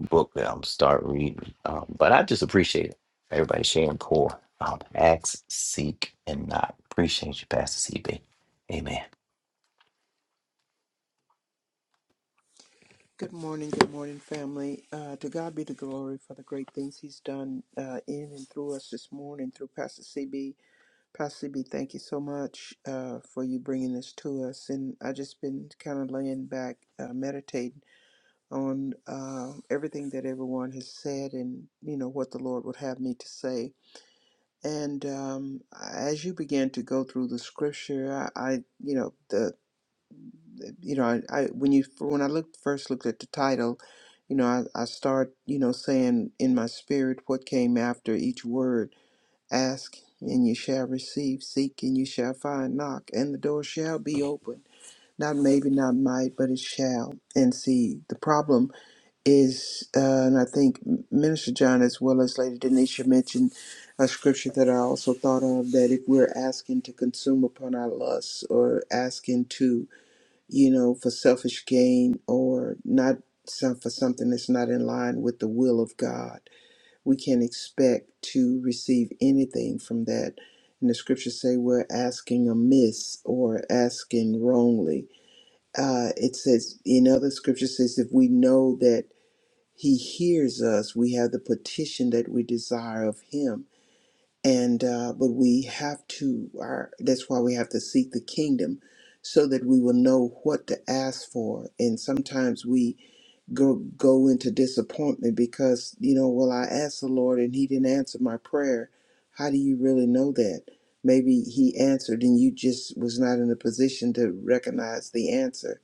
Speaker 6: book that I'm start reading. Um, but I just appreciate it. Everybody sharing core. Um, ask, seek, and not. Appreciate you, Pastor CB. Amen.
Speaker 2: Good morning, good morning, family. Uh, to God be the glory for the great things He's done uh, in and through us this morning through Pastor CB. Pastor CB, thank you so much uh, for you bringing this to us. And I just been kind of laying back, uh, meditating on uh, everything that everyone has said, and you know what the Lord would have me to say. And um, as you began to go through the scripture, I, I you know the you know, I, I when you when I looked first looked at the title, you know, I, I start you know saying in my spirit what came after each word: ask and you shall receive, seek and you shall find, knock and the door shall be open. Not maybe, not might, but it shall. And see, the problem is, uh, and I think Minister John as well as Lady Denisha mentioned a scripture that I also thought of that if we're asking to consume upon our lusts or asking to you know, for selfish gain or not some, for something that's not in line with the will of God. We can expect to receive anything from that. And the scriptures say we're asking amiss or asking wrongly. Uh, it says in other scriptures says if we know that He hears us, we have the petition that we desire of Him and uh, but we have to our that's why we have to seek the kingdom so that we will know what to ask for and sometimes we go go into disappointment because you know well i asked the lord and he didn't answer my prayer how do you really know that maybe he answered and you just was not in a position to recognize the answer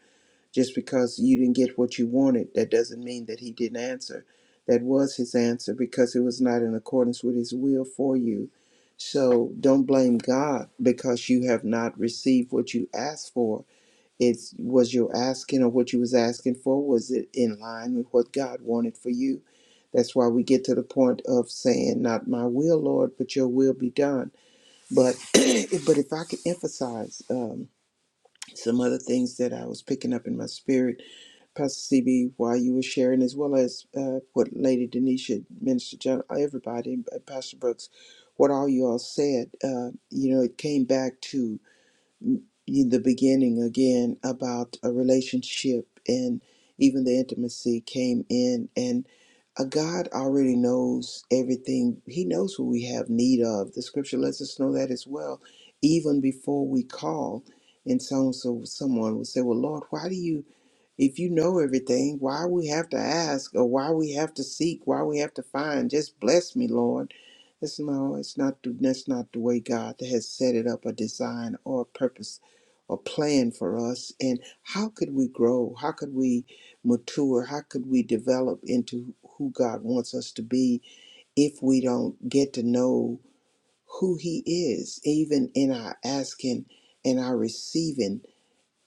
Speaker 2: just because you didn't get what you wanted, that doesn't mean that he didn't answer. That was his answer because it was not in accordance with his will for you. So don't blame God because you have not received what you asked for. It's was your asking or what you was asking for was it in line with what God wanted for you? That's why we get to the point of saying, "Not my will, Lord, but Your will be done." But but if I could emphasize um, some other things that I was picking up in my spirit Pastor CB, while you were sharing, as well as uh, what Lady Denisha, Minister John, everybody, and Pastor Brooks, what all you all said, uh, you know, it came back to mm, the beginning again about a relationship and even the intimacy came in. And uh, God already knows everything, He knows what we have need of. The scripture lets us know that as well, even before we call. And so, so someone will say, Well, Lord, why do you? If you know everything, why we have to ask or why we have to seek, why we have to find? Just bless me, Lord. It's no, it's not. the- That's not the way God has set it up, a design or a purpose or plan for us. And how could we grow? How could we mature? How could we develop into who God wants us to be if we don't get to know who He is, even in our asking and our receiving?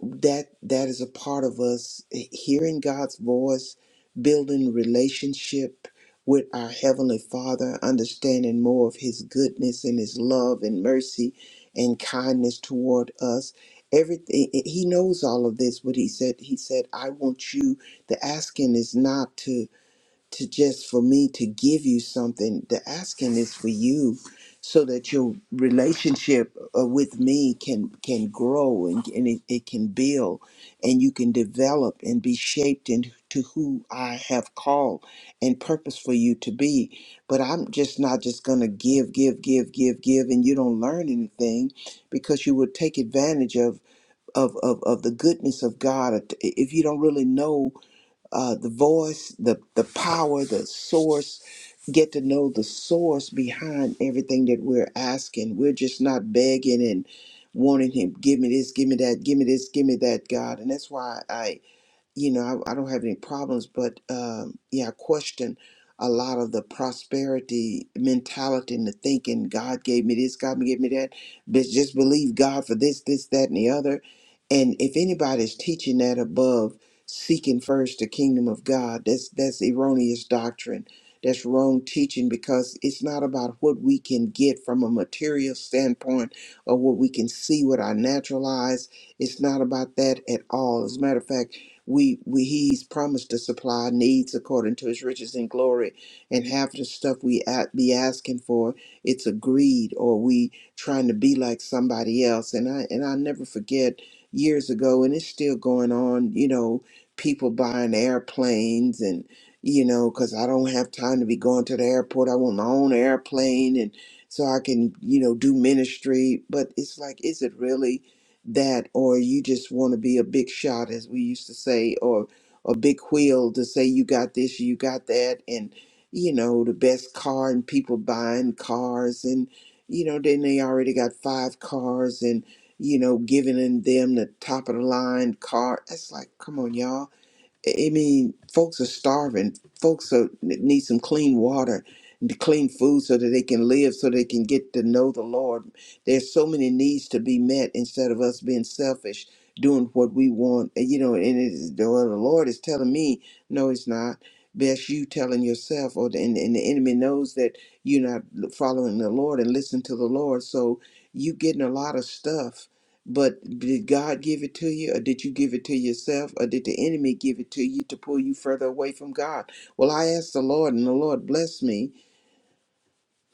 Speaker 2: that that is a part of us hearing God's voice, building relationship with our heavenly Father, understanding more of his goodness and his love and mercy and kindness toward us. Everything he knows all of this, but he said he said I want you the asking is not to to just for me to give you something. The asking is for you so that your relationship uh, with me can can grow and, and it, it can build and you can develop and be shaped into who I have called and purpose for you to be. But I'm just not just gonna give, give, give, give, give and you don't learn anything because you will take advantage of of, of, of the goodness of God if you don't really know uh, the voice, the, the power, the source, get to know the source behind everything that we're asking. We're just not begging and wanting Him, give me this, give me that, give me this, give me that, God. And that's why I you know, I, I don't have any problems, but um, yeah, I question a lot of the prosperity mentality and the thinking God gave me this, God gave me that. But just believe God for this, this, that, and the other. And if anybody's teaching that above seeking first the kingdom of God, that's that's erroneous doctrine. That's wrong teaching because it's not about what we can get from a material standpoint or what we can see with our natural eyes. It's not about that at all. As a matter of fact, we we he's promised to supply our needs according to his riches and glory and half the stuff we a be asking for it's a greed or we trying to be like somebody else and i and i never forget years ago and it's still going on you know people buying airplanes and you know because i don't have time to be going to the airport i want my own airplane and so i can you know do ministry but it's like is it really that or you just want to be a big shot as we used to say or a big wheel to say you got this you got that and you know the best car and people buying cars and you know then they already got five cars and you know giving in them the top of the line car it's like come on y'all I I mean, folks are starving. Folks are, need some clean water and clean food so that they can live, so they can get to know the Lord. There's so many needs to be met instead of us being selfish, doing what we want. And, you know, and it is, well, the Lord is telling me, no, it's not. Best you telling yourself, or the, and, and the enemy knows that you're not following the Lord and listen to the Lord. So you getting a lot of stuff but did God give it to you, or did you give it to yourself, or did the enemy give it to you to pull you further away from God? Well, I asked the Lord, and the Lord blessed me.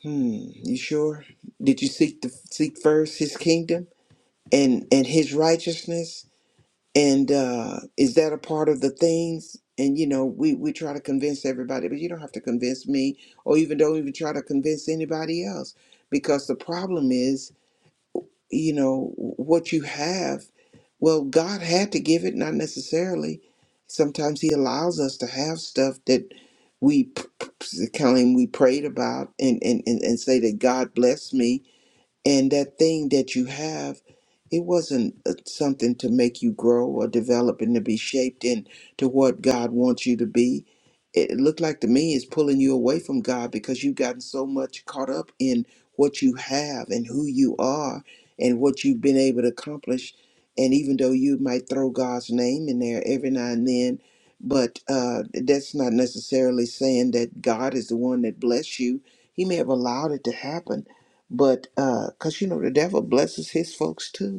Speaker 2: Hmm, you sure? Did you seek the seek first His kingdom and and His righteousness? And uh, is that a part of the things? And you know, we we try to convince everybody, but you don't have to convince me, or even don't even try to convince anybody else, because the problem is you know what you have well god had to give it not necessarily sometimes he allows us to have stuff that we p- p- p- claim we prayed about and, and and and say that god bless me and that thing that you have, it wasn't uh, something to make you grow or develop and to be shaped into what God wants you to be. It looked like to me it's pulling you away from God because you've gotten so much caught up in what you have and who you are and what you've been able to accomplish. And even though you might throw God's name in there every now and then, but uh, that's not necessarily saying that God is the one that blessed you. He may have allowed it to happen, but because you know the devil blesses his folks too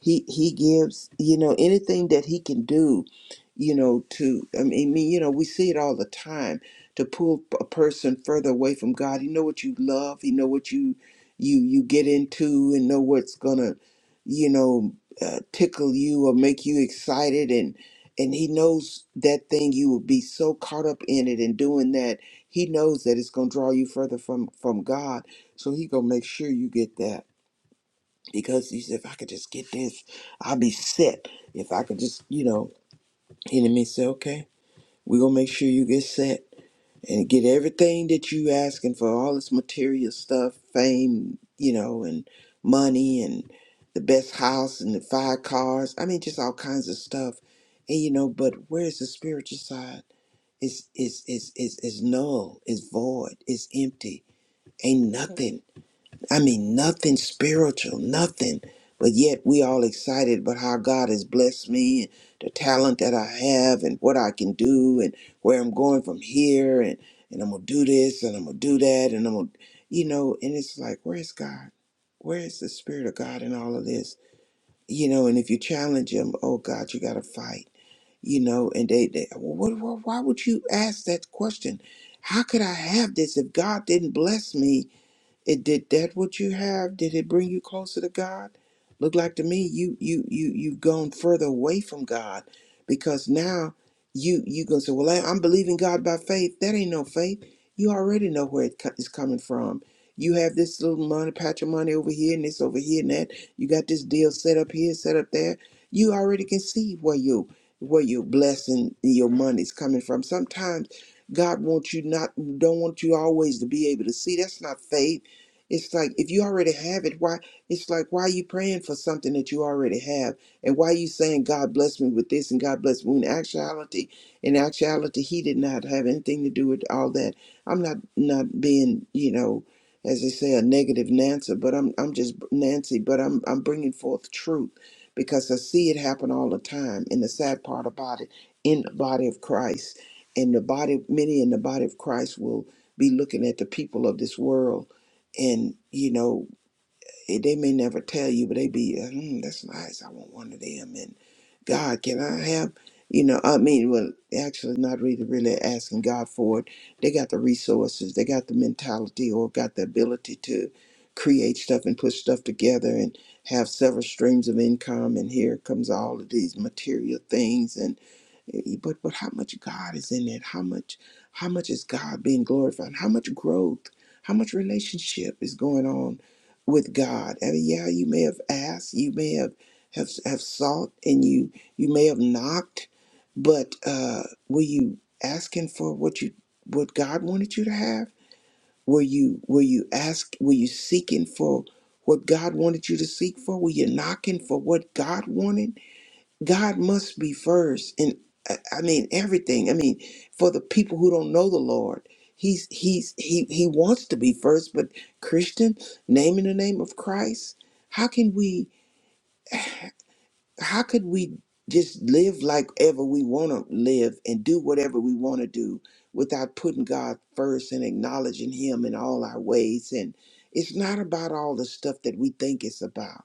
Speaker 2: he he gives you know anything that he can do you know to i mean me- you know we see it all the time to pull a person further away from god he know what you love he know what you you you get into and know what's gonna you know uh, tickle you or make you excited and and he knows that thing you will be so caught up in it and doing that he knows that it's gonna draw you further from from god so he gonna make sure you get that because he said, if I could just get this, I'll be set. If I could just, you know, enemy the said, okay, we're going to make sure you get set and get everything that you asking for, all this material stuff, fame, you know, and money and the best house and the five cars. I mean, just all kinds of stuff. And, you know, but where's the spiritual side? It's, it's, it's, it's, it's null, it's void, it's empty, ain't nothing. I mean, nothing spiritual, nothing. But yet we all excited about how God has blessed me and the talent that I have and what I can do and where I'm going from here and, and I'm gonna do this and I'm gonna do that and I'm gonna you know, and it's like, where's God? Where is the spirit of God in all of this? You know, and if you challenge him, oh God, you gotta fight. You know, and they, they what, what, why would you ask that question? How could I have this if God didn't bless me? It did that what you have? Did it bring you closer to God? Look like to me you you you you've gone further away from God because now you you gonna say, well, I, I'm believing God by faith. That ain't no faith. You already know where it co- is coming from. You have this little money, patch of money over here and this over here and that. You got this deal set up here, set up there. You already can see where you where your blessing, your money's coming from. Sometimes God wants you not don't want you always to be able to see. That's not faith it's like if you already have it, why it's like why are you praying for something that you already have? And why are you saying God bless me with this and God bless me? When In actuality, in actuality, he did not have anything to do with all that. I'm not not being, you know, as they say, a negative Nancy, but I'm I'm just Nancy, but I'm I'm bringing forth truth because I see it happen all the time. And the sad part about it, in the body of Christ, and the body, many in the body of Christ will be looking at the people of this world and you know eh, they may never tell you, but they be, uh, mm, that's nice. I want one of them. And God, can I have, you know, I mean, well, actually, not really, really asking God for it. They got the resources, they got the mentality, or got the ability to create stuff and put stuff together and have several streams of income. And here comes all of these material things and eh, but but how much God is in it? How much how much is God being glorified? How much growth? How much relationship is going on? with God. I mean, yeah, you may have asked, you may have have, have sought, and you you may have knocked, but uh, were you asking for what you what God wanted you to have? Were you were you ask were you seeking for what God wanted you to seek for? Were you knocking for what God wanted? God must be first in I I mean everything. I mean, for the people who don't know the Lord, he's he's he he wants to be first, but Christian, naming the name of Christ, how can we how could we just live like ever we want to live and do whatever we want to do without putting God first and acknowledging him in all our ways and it's not about all the stuff that we think it's about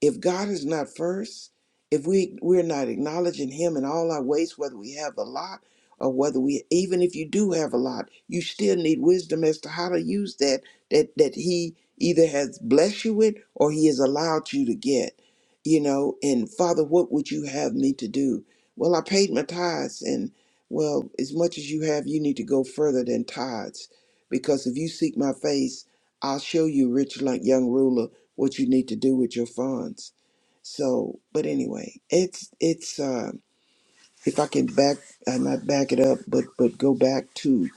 Speaker 2: if God is not first, if we we're not acknowledging Him in all our ways, whether we have a lot or whether we even if you do have a lot, you still need wisdom as to how to use that that that He either has blessed you with or He has allowed you to get. You know, and Father, what would you have me to do? Well, I paid my tithes, and well, as much as you have, you need to go further than tithes, because if you seek my face, I'll show you rich like young ruler what you need to do with your funds. So, but anyway, it's it's uh, if I can back uh, not back it up, but but go back to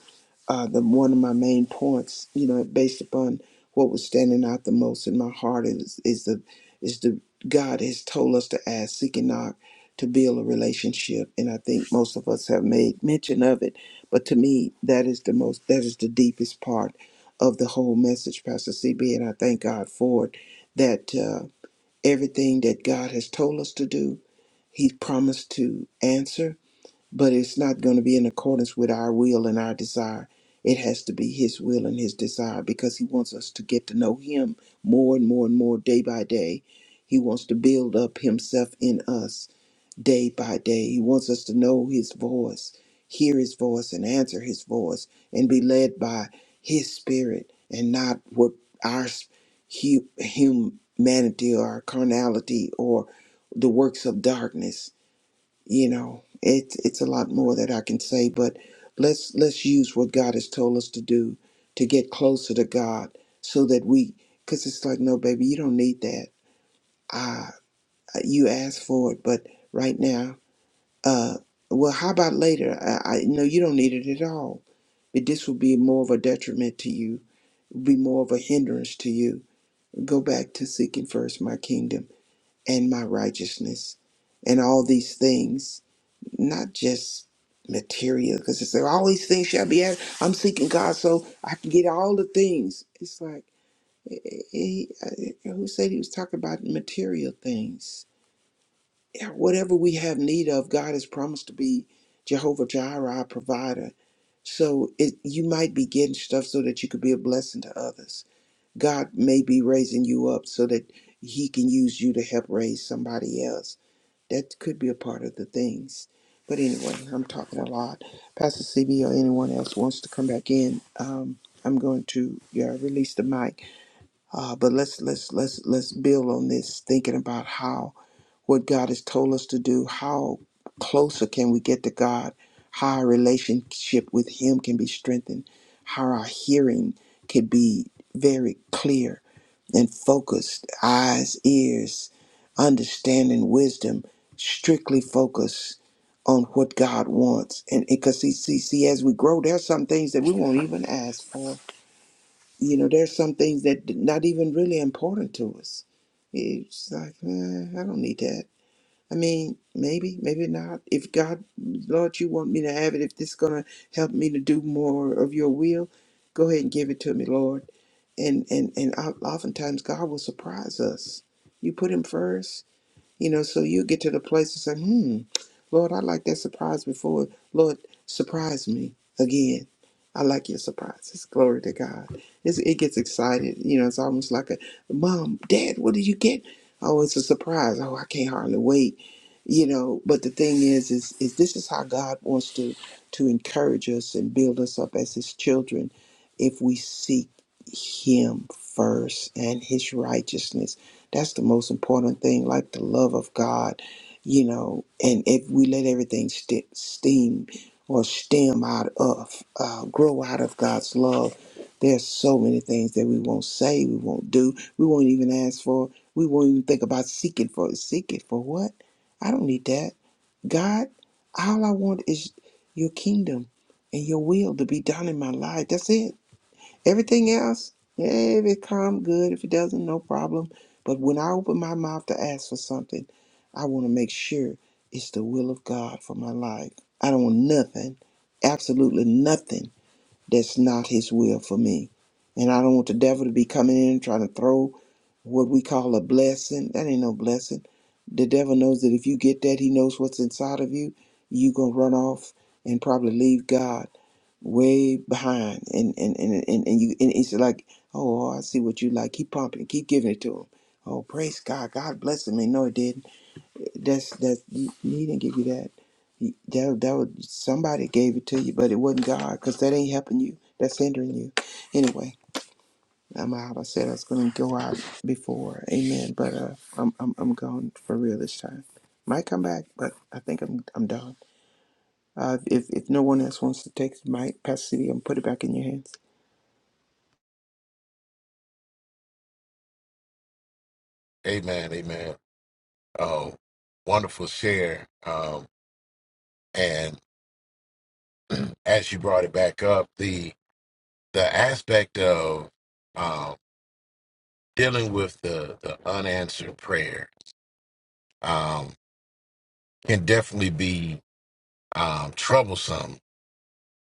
Speaker 2: uh, the one of my main points, you know, based upon what was standing out the most in my heart is is the is the God has told us to ask, seek and knock, to build a relationship, and I think most of us have made mention of it. But to me, that is the most that is the deepest part of the whole message, Pastor CB, and I thank God for it. That uh, everything that God has told us to do, He promised to answer, but it's not going to be in accordance with our will and our desire. It has to be His will and His desire because He wants us to get to know Him more and more and more day by day. He wants to build up Himself in us day by day. He wants us to know His voice, hear His voice, and answer His voice, and be led by His Spirit and not what our hu- humanity or our carnality or the works of darkness you know it, it's a lot more that i can say but let's let's use what god has told us to do to get closer to god so that we because it's like no baby you don't need that Ah, you asked for it but right now uh well how about later i, I no you don't need it at all but this will be more of a detriment to you be more of a hindrance to you go back to seeking first my kingdom and my righteousness and all these things not just material, because it's like, all these things shall be added. I'm seeking God so I can get all the things. It's like, eh, eh, eh, eh, who said he was talking about material things? Yeah, Whatever we have need of, God has promised to be Jehovah Jireh, our provider. So it, you might be getting stuff so that you could be a blessing to others. God may be raising you up so that he can use you to help raise somebody else that could be a part of the things. But anyway, I'm talking a lot. Pastor CB or anyone else wants to come back in, um, I'm going to yeah, release the mic. Uh, but let's let's let's let's build on this, thinking about how what God has told us to do, how closer can we get to God, how our relationship with Him can be strengthened, how our hearing can be very clear and focused eyes, ears, understanding, wisdom, strictly focused on what God wants. And because see, see, see, as we grow, there's some things that we won't even ask for. You know, there's some things that not even really important to us. It's like, eh, I don't need that. I mean, maybe, maybe not. If God, Lord, you want me to have it, if this is going to help me to do more of your will, go ahead and give it to me, Lord and and and oftentimes God will surprise us. You put Him first, you know, so you get to the place and say, hmm, Lord, I like that surprise before. Lord, surprise me again. I like your surprises. Glory to God. It's, it gets excited. You know, it's almost like a mom, dad, what did you get? Oh, it's a surprise. Oh, I can't hardly wait. You know, but the thing is, is, is this is how God wants to to encourage us and build us up as His children, if we seek Him first and His righteousness that's the most important thing, like the love of God, you know. And if we let everything st- steam or stem out of, uh, grow out of God's love, there's so many things that we won't say, we won't do, we won't even ask for, we won't even think about seeking for. Seek it for what? I don't need that. God, all I want is your kingdom and your will to be done in my life. That's it. Everything else, yeah, if it come good, if it doesn't, no problem. But when I open my mouth to ask for something, I want to make sure it's the will of God for my life. I don't want nothing, absolutely nothing that's not his will for me. And I don't want the devil to be coming in and trying to throw what we call a blessing. That ain't no blessing. The devil knows that if you get that, he knows what's inside of you. You gonna run off and probably leave God way behind. And and and and, and you and it's like, oh, I see what you like. Keep pumping, keep giving it to him. Oh, praise God. God blessed me. No, it didn't. That's that he he didn't give you that. He- That that was somebody gave it to you, but it wasn't God because that ain't helping you. That's hindering you. Anyway, I'm out. I said I was gonna go out before. Amen. But uh, I'm I'm I'm gone for real this time. Might come back, but I think I'm I'm done. Uh, if if no one else wants to take the mic, Pastor CB, I'm put it back in your hands.
Speaker 5: Amen. Amen. Oh, wonderful share. Um, and as you brought it back up, the the aspect of um dealing with the, the unanswered prayer um, can definitely be um, troublesome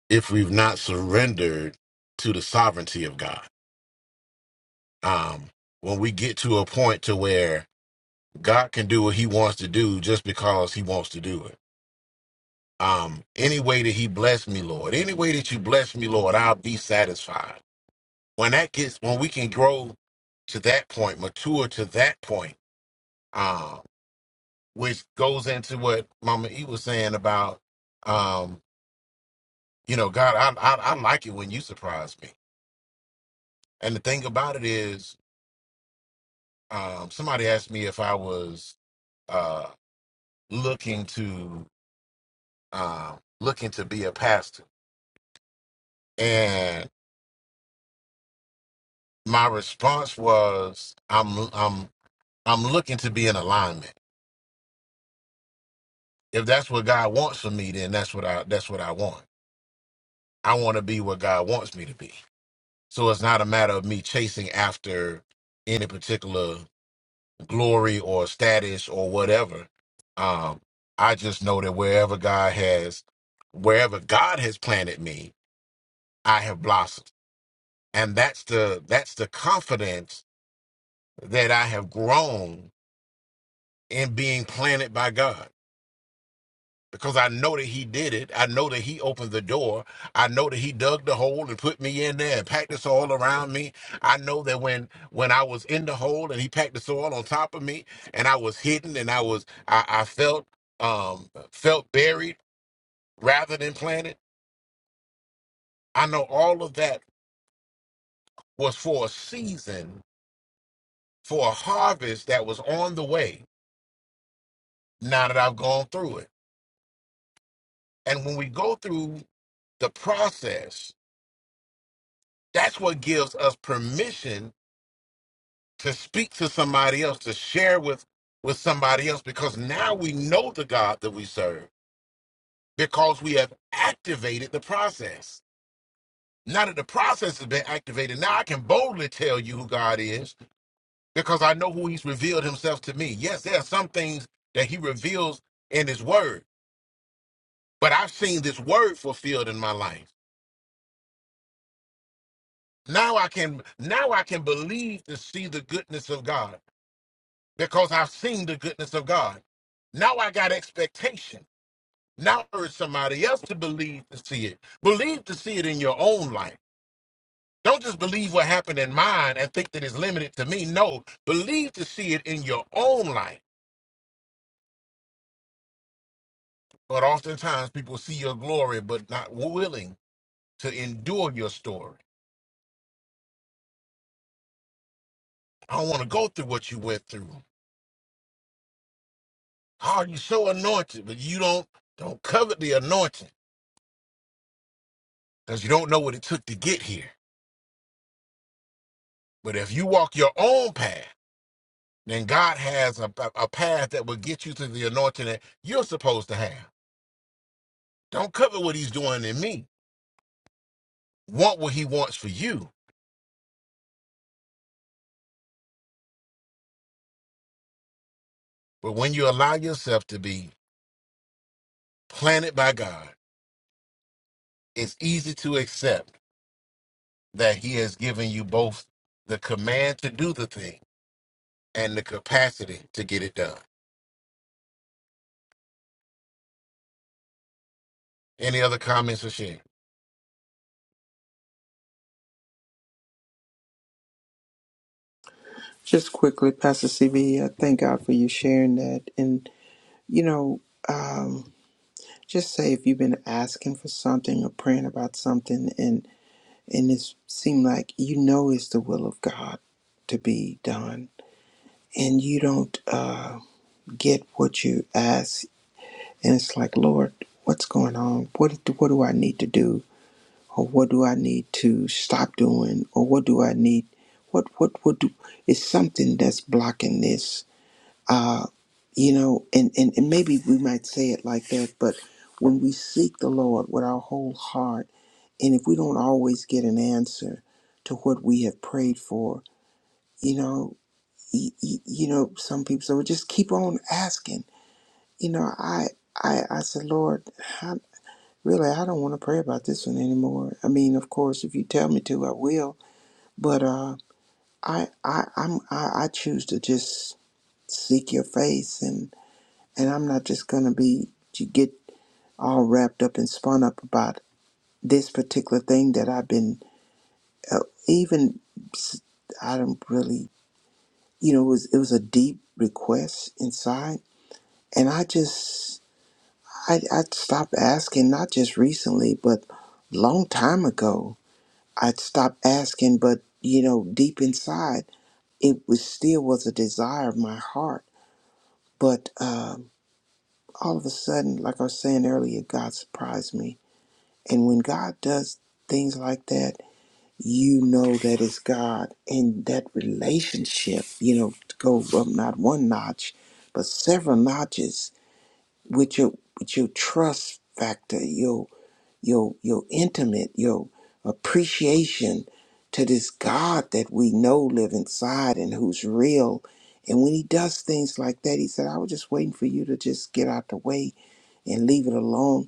Speaker 5: if we've not surrendered to the sovereignty of God. Um, when we get to a point to where God can do what He wants to do just because He wants to do it. Um, any way that He bless me, Lord, any way that you bless me, Lord, I'll be satisfied. When that gets, when we can grow to that point, mature to that point, um, which goes into what Mama E was saying about, um, you know, God, I, I I like it when you surprise me. And the thing about it is, um, somebody asked me if I was uh, looking to um looking to be a pastor, and my response was, I'm I'm I'm looking to be in alignment. If that's what God wants for me, then that's what I that's what I want. I want to be what God wants me to be. So it's not a matter of me chasing after any particular glory or status or whatever. Um, I just know that wherever God has, wherever God has planted me, I have blossomed, and that's the that's the confidence that I have grown in being planted by God. because I know that he did it. I know that he opened the door. I know that he dug the hole and put me in there and packed the soil around me. I know that when when I was in the hole and he packed the soil on top of me and I was hidden and I was I, I felt um felt buried rather than planted. I know all of that was for a season, for a harvest that was on the way now that I've gone through it. And when we go through the process, that's what gives us permission to speak to somebody else, to share with with somebody else, because now we know the God that we serve because we have activated the process. Now that the process has been activated, now I can boldly tell you who God is because I know who He's revealed Himself to me. Yes, there are some things that He reveals in His Word, but I've seen this Word fulfilled in my life. Now I can now I can believe to see the goodness of God because I've seen the goodness of God. Now I got expectation. Now urge somebody else to believe to see it. Believe to see it in your own life. Don't just believe what happened in mine and think that it's limited to me. No, believe to see it in your own life. But oftentimes people see your glory, but not willing to endure your story. I don't want to go through what you went through. Oh, you're so anointed, but you don't don't covet the anointing because you don't know what it took to get here. But if you walk your own path, then God has a, a a path that will get you to the anointing that you're supposed to have. Don't covet what he's doing in me. Want what he wants for you. But when you allow yourself to be planted by God, it's easy to accept that he has given you both the command to do the thing and the capacity to get it done. Any other comments or share?
Speaker 2: Just quickly, Pastor CB, thank God for you sharing that. And you know, Um, Just say if you've been asking for something or praying about something and and it seemed like you know it's the will of God to be done and you don't uh, get what you ask and it's like Lord what's going on what what do I need to do or what do I need to stop doing or what do I need what what what do, is something that's blocking this uh, you know, and, and, and maybe we might say it like that, but when we seek the Lord with our whole heart, and if we don't always get an answer to what we have prayed for, you know, y- y- you know, some people say, well, just keep on asking. You know, I, I, I said, Lord, I, really, I don't want to pray about this one anymore. I mean, of course, if you tell me to, I will. But uh, I, I, I'm, I, I choose to just seek your face And I'm not just going to be to get all wrapped up and spun up about this particular thing that I've been uh, even s- I don't really you know it was it was a deep request inside and I just I I stopped asking not just recently but long time ago I stopped asking but you know deep inside it was still was a desire of my heart but um all of a sudden like I was saying earlier God surprised me And when God does things like that, you know that it's God. And that relationship, you know, to go up not one notch, but several notches with your with your trust factor, your your your intimate, your appreciation to this God that we know live inside and who's real. And when he does things like that, he said, I was just waiting for you to just get out the way and leave it alone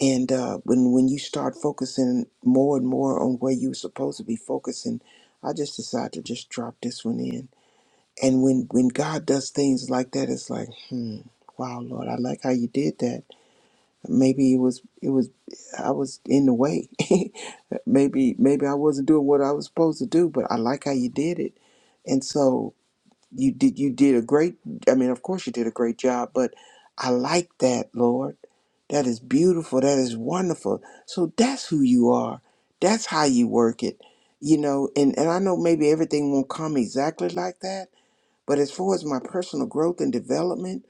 Speaker 2: and uh, when when you start focusing more and more on where you're supposed to be focusing, I just decided to just drop this one in. And when when God does things like that, it's like, hmm, wow, Lord, I like how you did that. Maybe it was it was I was in the way. maybe maybe I wasn't doing what I was supposed to do, but I like how you did it. And so you did you did a great i mean of course you did a great job but i like that lord that is beautiful that is wonderful so that's who you are that's how you work it you know and and i know maybe everything won't come exactly like that but as far as my personal growth and development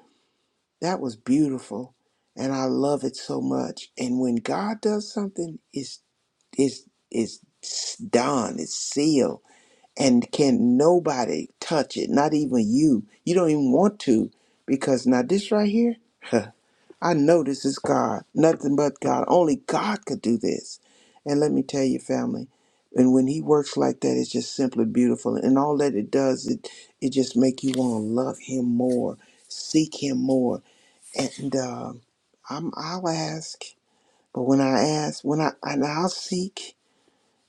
Speaker 2: that was beautiful and i love it so much and when god does something it's it's it's done it's sealed and can nobody touch it, not even you. You don't even want to because now this right here, huh, I know this is God, nothing but God. Only God could do this. And let me tell you, family, and when he works like that, it's just simply beautiful. And all that it does, it it just make you want to love him more, seek him more. And um I'm, I'll ask, but when I ask, when I and I'll seek,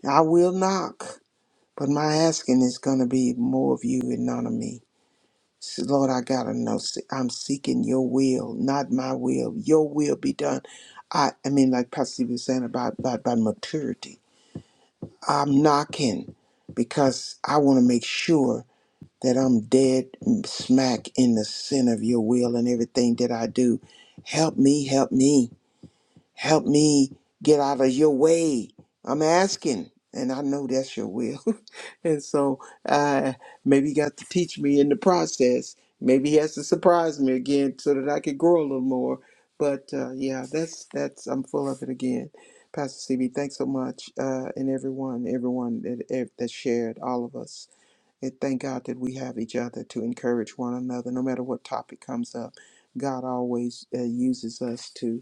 Speaker 2: I will knock. But my asking is going to be more of you and none of me. So, Lord, I got to know. se- I'm seeking your will, not my will. Your will be done. I, I mean, like Pastor Steve was saying about, about, about maturity. I'm knocking because I want to make sure that I'm dead smack in the center of your will and everything that I do. Help me, help me, help me get out of your way. I'm asking, and I know that's your will. And so uh, maybe he got to teach me in the process. Maybe he has to surprise me again so that I could grow a little more. But uh, yeah, that's that's I'm full of it again. Pastor CB, thanks so much, uh, and everyone, everyone that ev- that shared, all of us. And thank God that we have each other to encourage one another, no matter what topic comes up. God always uh, uses us to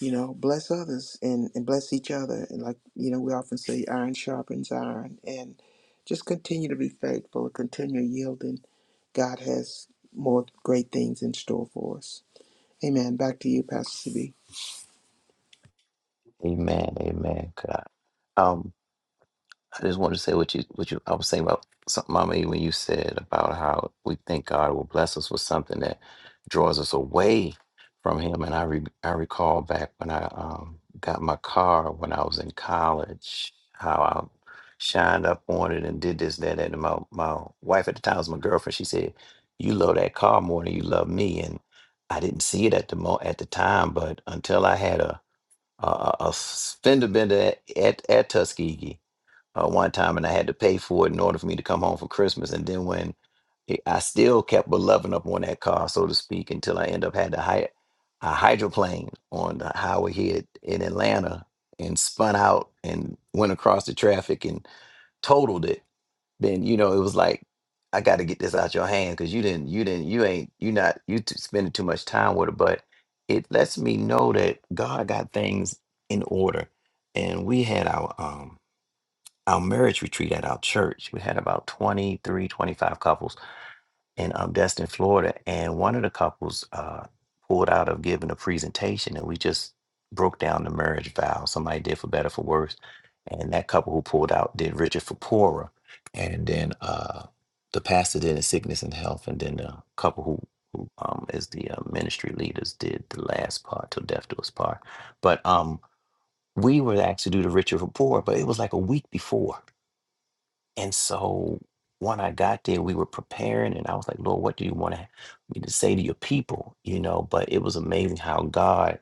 Speaker 2: you know bless others and, and bless each other and like you know we often say iron sharpens iron and just continue to be faithful continue yielding god has more great things in store for us amen back to you pastor cb
Speaker 6: Amen. Amen. God. Um, I just wanted to say what you what you I was saying about something, Mama, E, when you said about how we think God will bless us with something that draws us away from Him, and I re, I recall back when I um, got my car when I was in college, how I shined up on it and did this that, that and my my wife at the time was my girlfriend. She said, "You love that car more than you love me," and I didn't see it at the mo at the time, but until I had a a, a a fender bender at, at at Tuskegee uh, one time, and I had to pay for it in order for me to come home for Christmas. And then when it, I still kept beloving up on that car, so to speak, until I end up had to hire a hydroplane on the highway here in Atlanta and spun out and went across the traffic and totaled it. Then you know it was like I got to get this out your hand because you didn't, you didn't, you ain't, you not, you t- spending too much time with it. But it lets me know that God got things in order, and we had our um our marriage retreat at our church. We had about 23, 25 couples in um, Destin, Florida. And one of the couples uh, pulled out of giving a presentation and we just broke down the marriage vow. Somebody did for better, for worse. And that couple who pulled out did richer for poorer. And then uh, the pastor did in sickness and health. And then the couple who, who um, is the uh, ministry leaders did the last part till death do us part. But um, we were asked to do the richer for poorer, but it was like a week before and so when I got there, we were preparing, and I was like, Lord, what do you want me to say to your people? You know, but it was amazing how God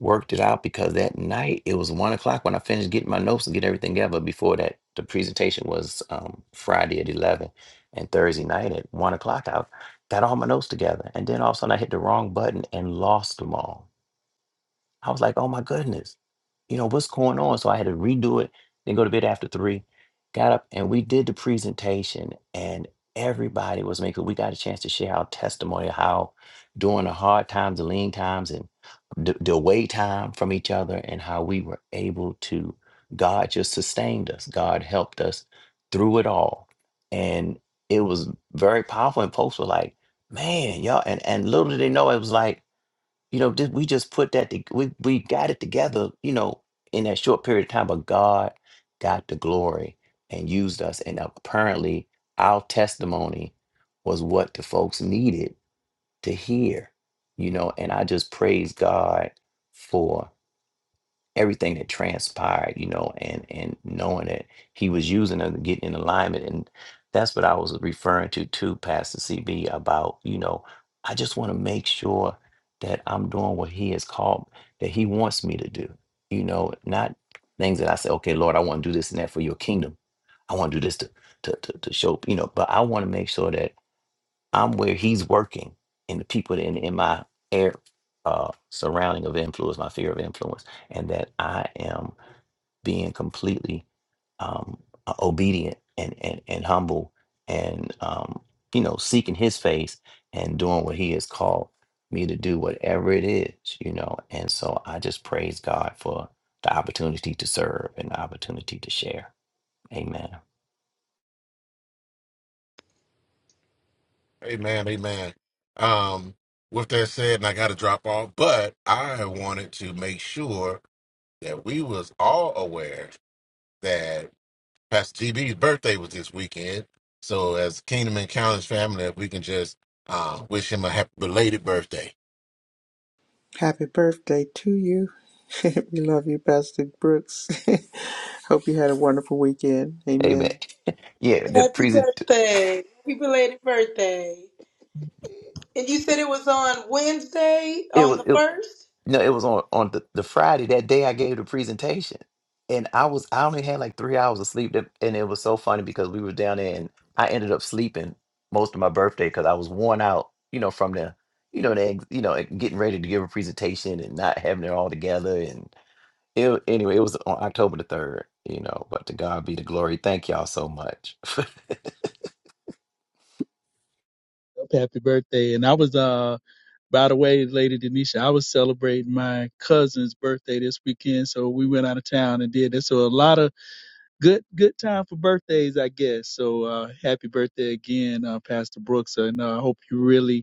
Speaker 6: worked it out because that night it was one o'clock when I finished getting my notes and getting everything together before that the presentation was um, Friday at 11 and Thursday night at one o'clock. I got all my notes together, and then all of a sudden I hit the wrong button and lost them all I was like, oh my goodness, you know, what's going on? So I had to redo it, then go to bed after three, got up and we did the presentation and everybody was making, we got a chance to share our testimony of how during the hard times, the lean times and the, the away time from each other and how we were able to, God just sustained us. God helped us through it all. And it was very powerful. And folks were like, man, y'all, and, and little did they know, it was like, you know, just, we just put that to, we we got it together. You know, in that short period of time, but God got the glory and used us, and apparently our testimony was what the folks needed to hear. You know, and I just praise God for everything that transpired, you know, and and knowing that he was using them to get in alignment. And that's what I was referring to too, Pastor CB, about, you know, I just want to make sure that I'm doing what he has called that he wants me to do. You know, not things that I say, okay, Lord, I want to do this and that for your kingdom. I want to do this to to to, to show, you know, but I want to make sure that I'm where he's working, and the people in in my air uh, surrounding of influence, my sphere of influence, and that I am being completely um, uh, obedient and and and humble, and um, you know, seeking His face and doing what He has called me to do, whatever it is, you know. And so I just praise God for the opportunity to serve and the opportunity to share. Amen.
Speaker 5: Amen, amen. Um, with that said, and I got to drop off, but I wanted to make sure that we was all aware that Pastor TB's birthday was this weekend. So as Kingdom Encounters family, if we can just uh, wish him a happy belated birthday.
Speaker 2: happy birthday to you we love you pastor brooks hope you had a wonderful weekend
Speaker 6: Amen.
Speaker 2: amen
Speaker 6: yeah, the
Speaker 3: Happy
Speaker 6: present.
Speaker 3: birthday. Happy belated birthday. And you said it was on Wednesday,
Speaker 6: It
Speaker 3: on
Speaker 6: was.
Speaker 3: the
Speaker 6: it,
Speaker 3: 1st?
Speaker 6: No, it was on on the, the Friday that day I gave the presentation, and I was I only had like three hours of sleep, that, and it was so funny because we were down there, and I ended up sleeping most of my birthday because I was worn out, you know, from the, you know, the ex- you know like, getting ready to give a presentation and not having it all together, and it wa- anyway it was on October the third, you know. But to God be the glory. Thank y'all so much.
Speaker 4: Happy birthday! And I was uh, by the way, Lady Denisha, I was celebrating my cousin's birthday this weekend, so we went out of town and did this. So a lot of good good time for birthdays, I guess. So uh, happy birthday again, uh, Pastor Brooks, and uh, I hope you really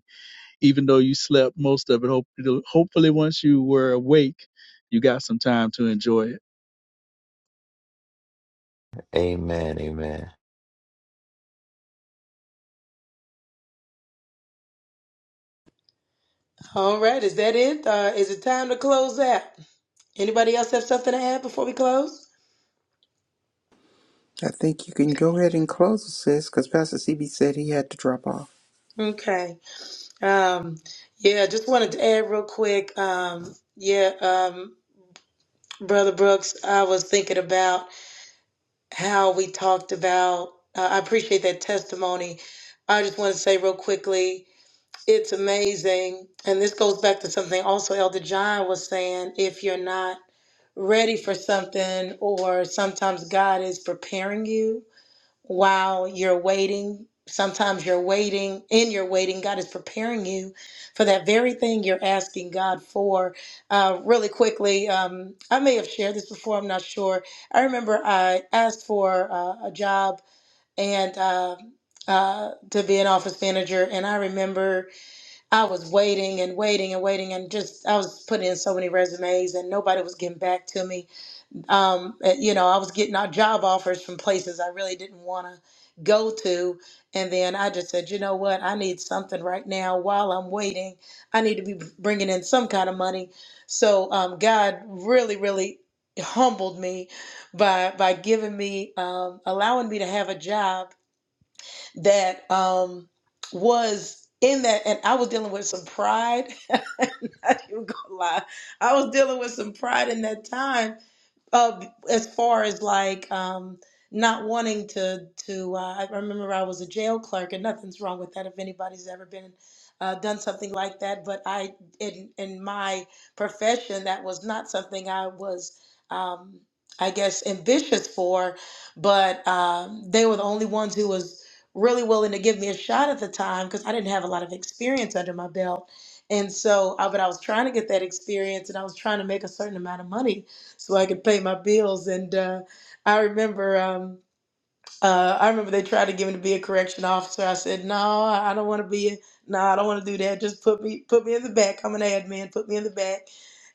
Speaker 4: even though you slept most of it. Hopefully, hopefully once you were awake, you got some time to enjoy it.
Speaker 6: amen. Amen.
Speaker 3: All right, is that it? Uh, is it time to close out? Anybody else have something to add before we close?
Speaker 2: i think you can go ahead and close this because pastor cb said he had to drop off
Speaker 3: Okay. Um, yeah, just wanted to add real quick. Um, yeah, um, Brother Brooks, I was thinking about how we talked about. Uh, I appreciate that testimony. I just want to say real quickly, it's amazing, and this goes back to something also Elder John was saying. If you're not ready for something, or sometimes God is preparing you while you're waiting. Sometimes you're waiting, in your waiting, God is preparing you for that very thing you're asking God for. Uh, really quickly, um, I may have shared this before, I'm not sure. I remember I asked for uh, a job and uh, uh, to be an office manager, and I remember I was waiting and waiting and waiting, and just I was putting in so many resumes, and nobody was getting back to me um, uh, you know, I was getting our job offers from places I really didn't want to go to. And then I just said, you know what? I need something right now while I'm waiting. I need to be bringing in some kind of money. So um, God really, really humbled me by by giving me um, allowing me to have a job that um, was in that and I was dealing with some pride. I'm not even gonna lie. I was dealing with some pride in that time uh, as far as like um, not wanting to to, uh, I remember I was a jail clerk, and nothing's wrong with that if anybody's ever been uh, done something like that. But I, in in my profession, that was not something I was, um, I guess, ambitious for. But um, they were the only ones who was really willing to give me a shot at the time because I didn't have a lot of experience under my belt. And so, uh, but I was trying to get that experience, and I was trying to make a certain amount of money so I could pay my bills. And uh, I remember. Um, uh, I remember they tried to get me to be a correction officer. I said, "No, I I don't want to be. A, no, I don't want to do that. Just put me, put me in the back. I'm an admin. Put me in the back."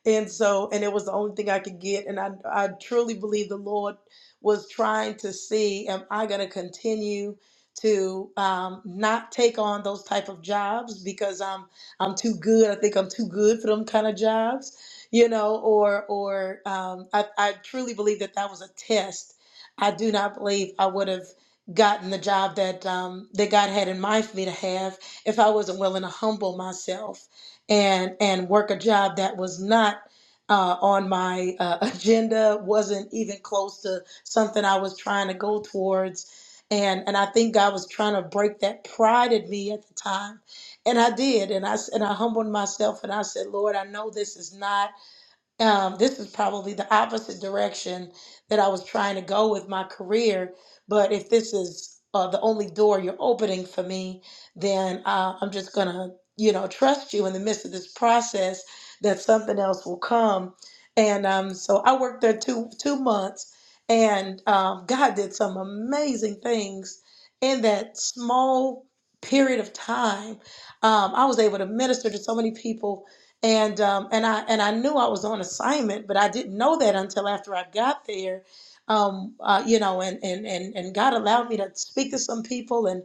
Speaker 3: And so, and it was the only thing I could get. And I, I truly believe the Lord was trying to see, am I going to continue to um, not take on those type of jobs because I'm, I'm too good. I think I'm too good for them kind of jobs, you know. Or, or um, I, I truly believe that that was a test I do not believe I would have gotten the job that um, that God had in mind for me to have if I wasn't willing to humble myself and and work a job that was not uh, on my uh, agenda, wasn't even close to something I was trying to go towards. And, and I think God was trying to break that pride in me at the time. And I did. And I, s- and I humbled myself and I said, Lord, I know this is not um, this is probably the opposite direction that I was trying to go with my career. But if this is uh, the only door you're opening for me, then uh, I'm just going to, you know, trust you in the midst of this process that something else will come. And um, so I worked there two two months, and um, God did some amazing things in that small period of time. Um, I was able to minister to so many people and um, and I and I knew I was on assignment, but I didn't know that until after I got there. Um, uh, you know, and and and and God allowed me to speak to some people and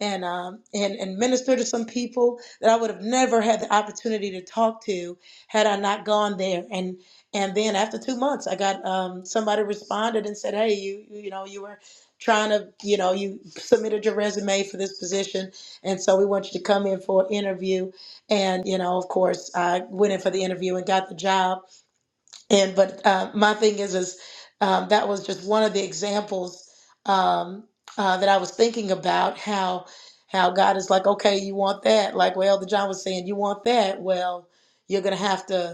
Speaker 3: and um, and and minister to some people that I would have never had the opportunity to talk to had I not gone there. And and then after two months, I got um, somebody responded and said, "Hey, you you know you were." trying to you know you submitted your resume for this position and so we want you to come in for an interview and you know of course i went in for the interview and got the job and but uh, my thing is is um, that was just one of the examples um, uh, that i was thinking about how how god is like okay you want that like well the john was saying you want that well you're gonna have to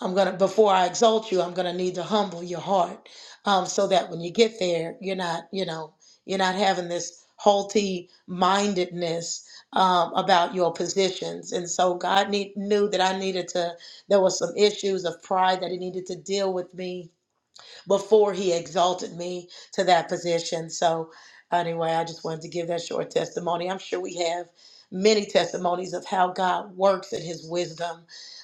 Speaker 3: I'm gonna before I exalt you, I'm gonna need to humble your heart, um, so that when you get there, you're not, you know, you're not having this haughty mindedness um, about your positions. And so God need, knew that I needed to. There was some issues of pride that He needed to deal with me before he exalted me to that position. So, anyway, I just wanted to give that short testimony. I'm sure we have many testimonies of how God works in his wisdom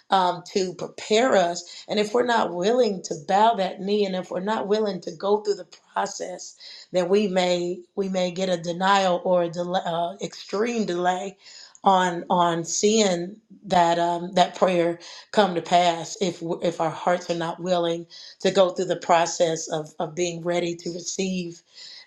Speaker 3: um, to prepare us. And if we're not willing to bow that knee and if we're not willing to go through the process, then we may we may get a denial or a delay, uh, extreme delay on on seeing that um, that prayer come to pass if if our hearts are not willing to go through the process of, of being ready to receive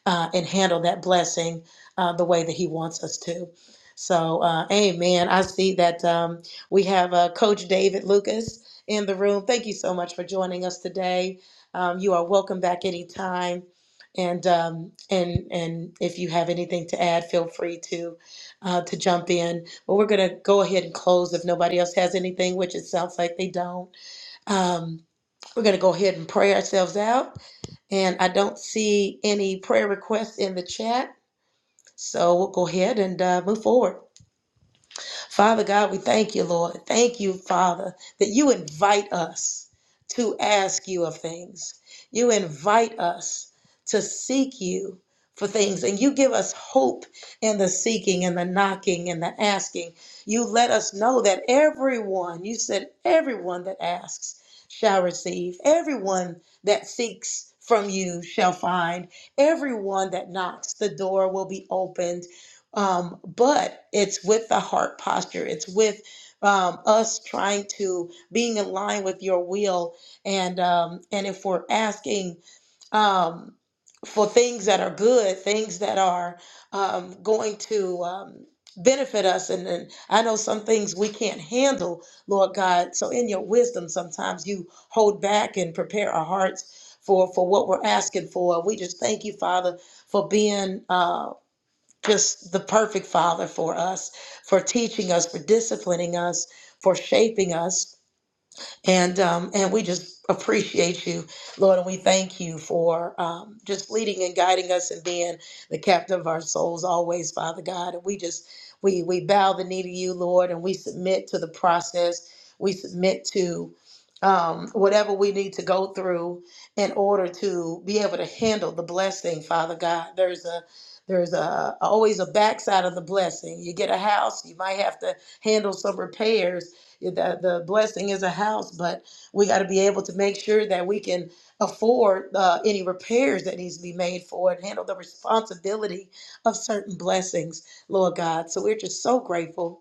Speaker 3: uh, and handle that blessing uh, the way that He wants us to. So, uh, amen. I see that um, we have uh, Coach David Lucas in the room. Thank you so much for joining us today. Um, you are welcome back anytime. And um, and and if you have anything to add, feel free to uh, to jump in. But we're gonna go ahead and close if nobody else has anything, which it sounds like they don't. Um, we're going to go ahead and pray ourselves out. And I don't see any prayer requests in the chat. So we'll go ahead and uh, move forward. Father God, we thank you, Lord. Thank you, Father, that you invite us to ask you of things. You invite us to seek you for things, and you give us hope in the seeking and the knocking and the asking. You let us know that everyone, you said, everyone that asks shall receive, everyone that seeks from you shall find, everyone that knocks, the door will be opened. Um, but it's with the heart posture, it's with um, us trying to being in line with your will, and um, and if we're asking um, for things that are good, things that are um, going to um, benefit us, and, and I know some things we can't handle, Lord God. So in your wisdom, sometimes you hold back and prepare our hearts. For, for what we're asking for. We just thank you, Father, for being uh, just the perfect father for us, for teaching us, for disciplining us, for shaping us. And um, and we just appreciate you, Lord, and we thank you for um, just leading and guiding us and being the captain of our souls always, Father God. And we just we we bow the knee to you, Lord, and we submit to the process. We submit to um, whatever we need to go through in order to be able to handle the blessing, Father God. There's a there's a always a backside of the blessing. You get a house, you might have to handle some repairs yeah, The, the blessing is a house, but we got to be able to make sure that we can afford uh, any repairs that needs to be made for it, handle the responsibility of certain blessings, Lord God. So we're just so grateful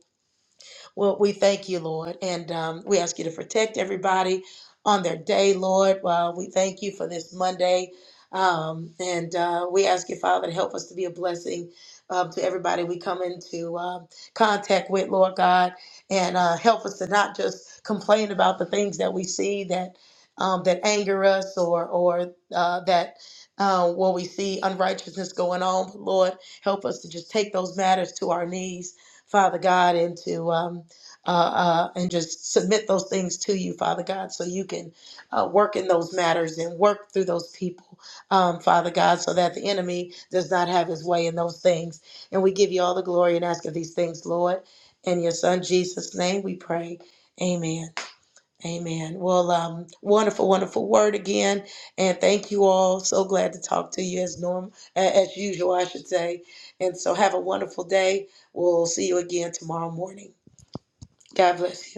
Speaker 3: well, we thank you, Lord, and um, we ask you to protect everybody on their day, Lord. Well, we thank you for this Monday, um, and uh, we ask you, Father, to help us to be a blessing um, to everybody we come into um contact with, Lord God, and uh, help us to not just complain about the things that we see that um, that anger us or or uh, that. Uh, where we see unrighteousness going on, But Lord, help us to just take those matters to our knees Father God, and to um, uh, uh, and just submit those things to you, Father God, so you can uh, work in those matters and work through those people, um, Father God, so that the enemy does not have his way in those things. And we give you all the glory and ask of these things, Lord. In your Son Jesus' name we pray. Amen. Amen. Well, um, wonderful, wonderful word again. And thank you all. So glad to talk to you as norm a- as usual, I should say. And so have a wonderful day. We'll see you again tomorrow morning. God bless you.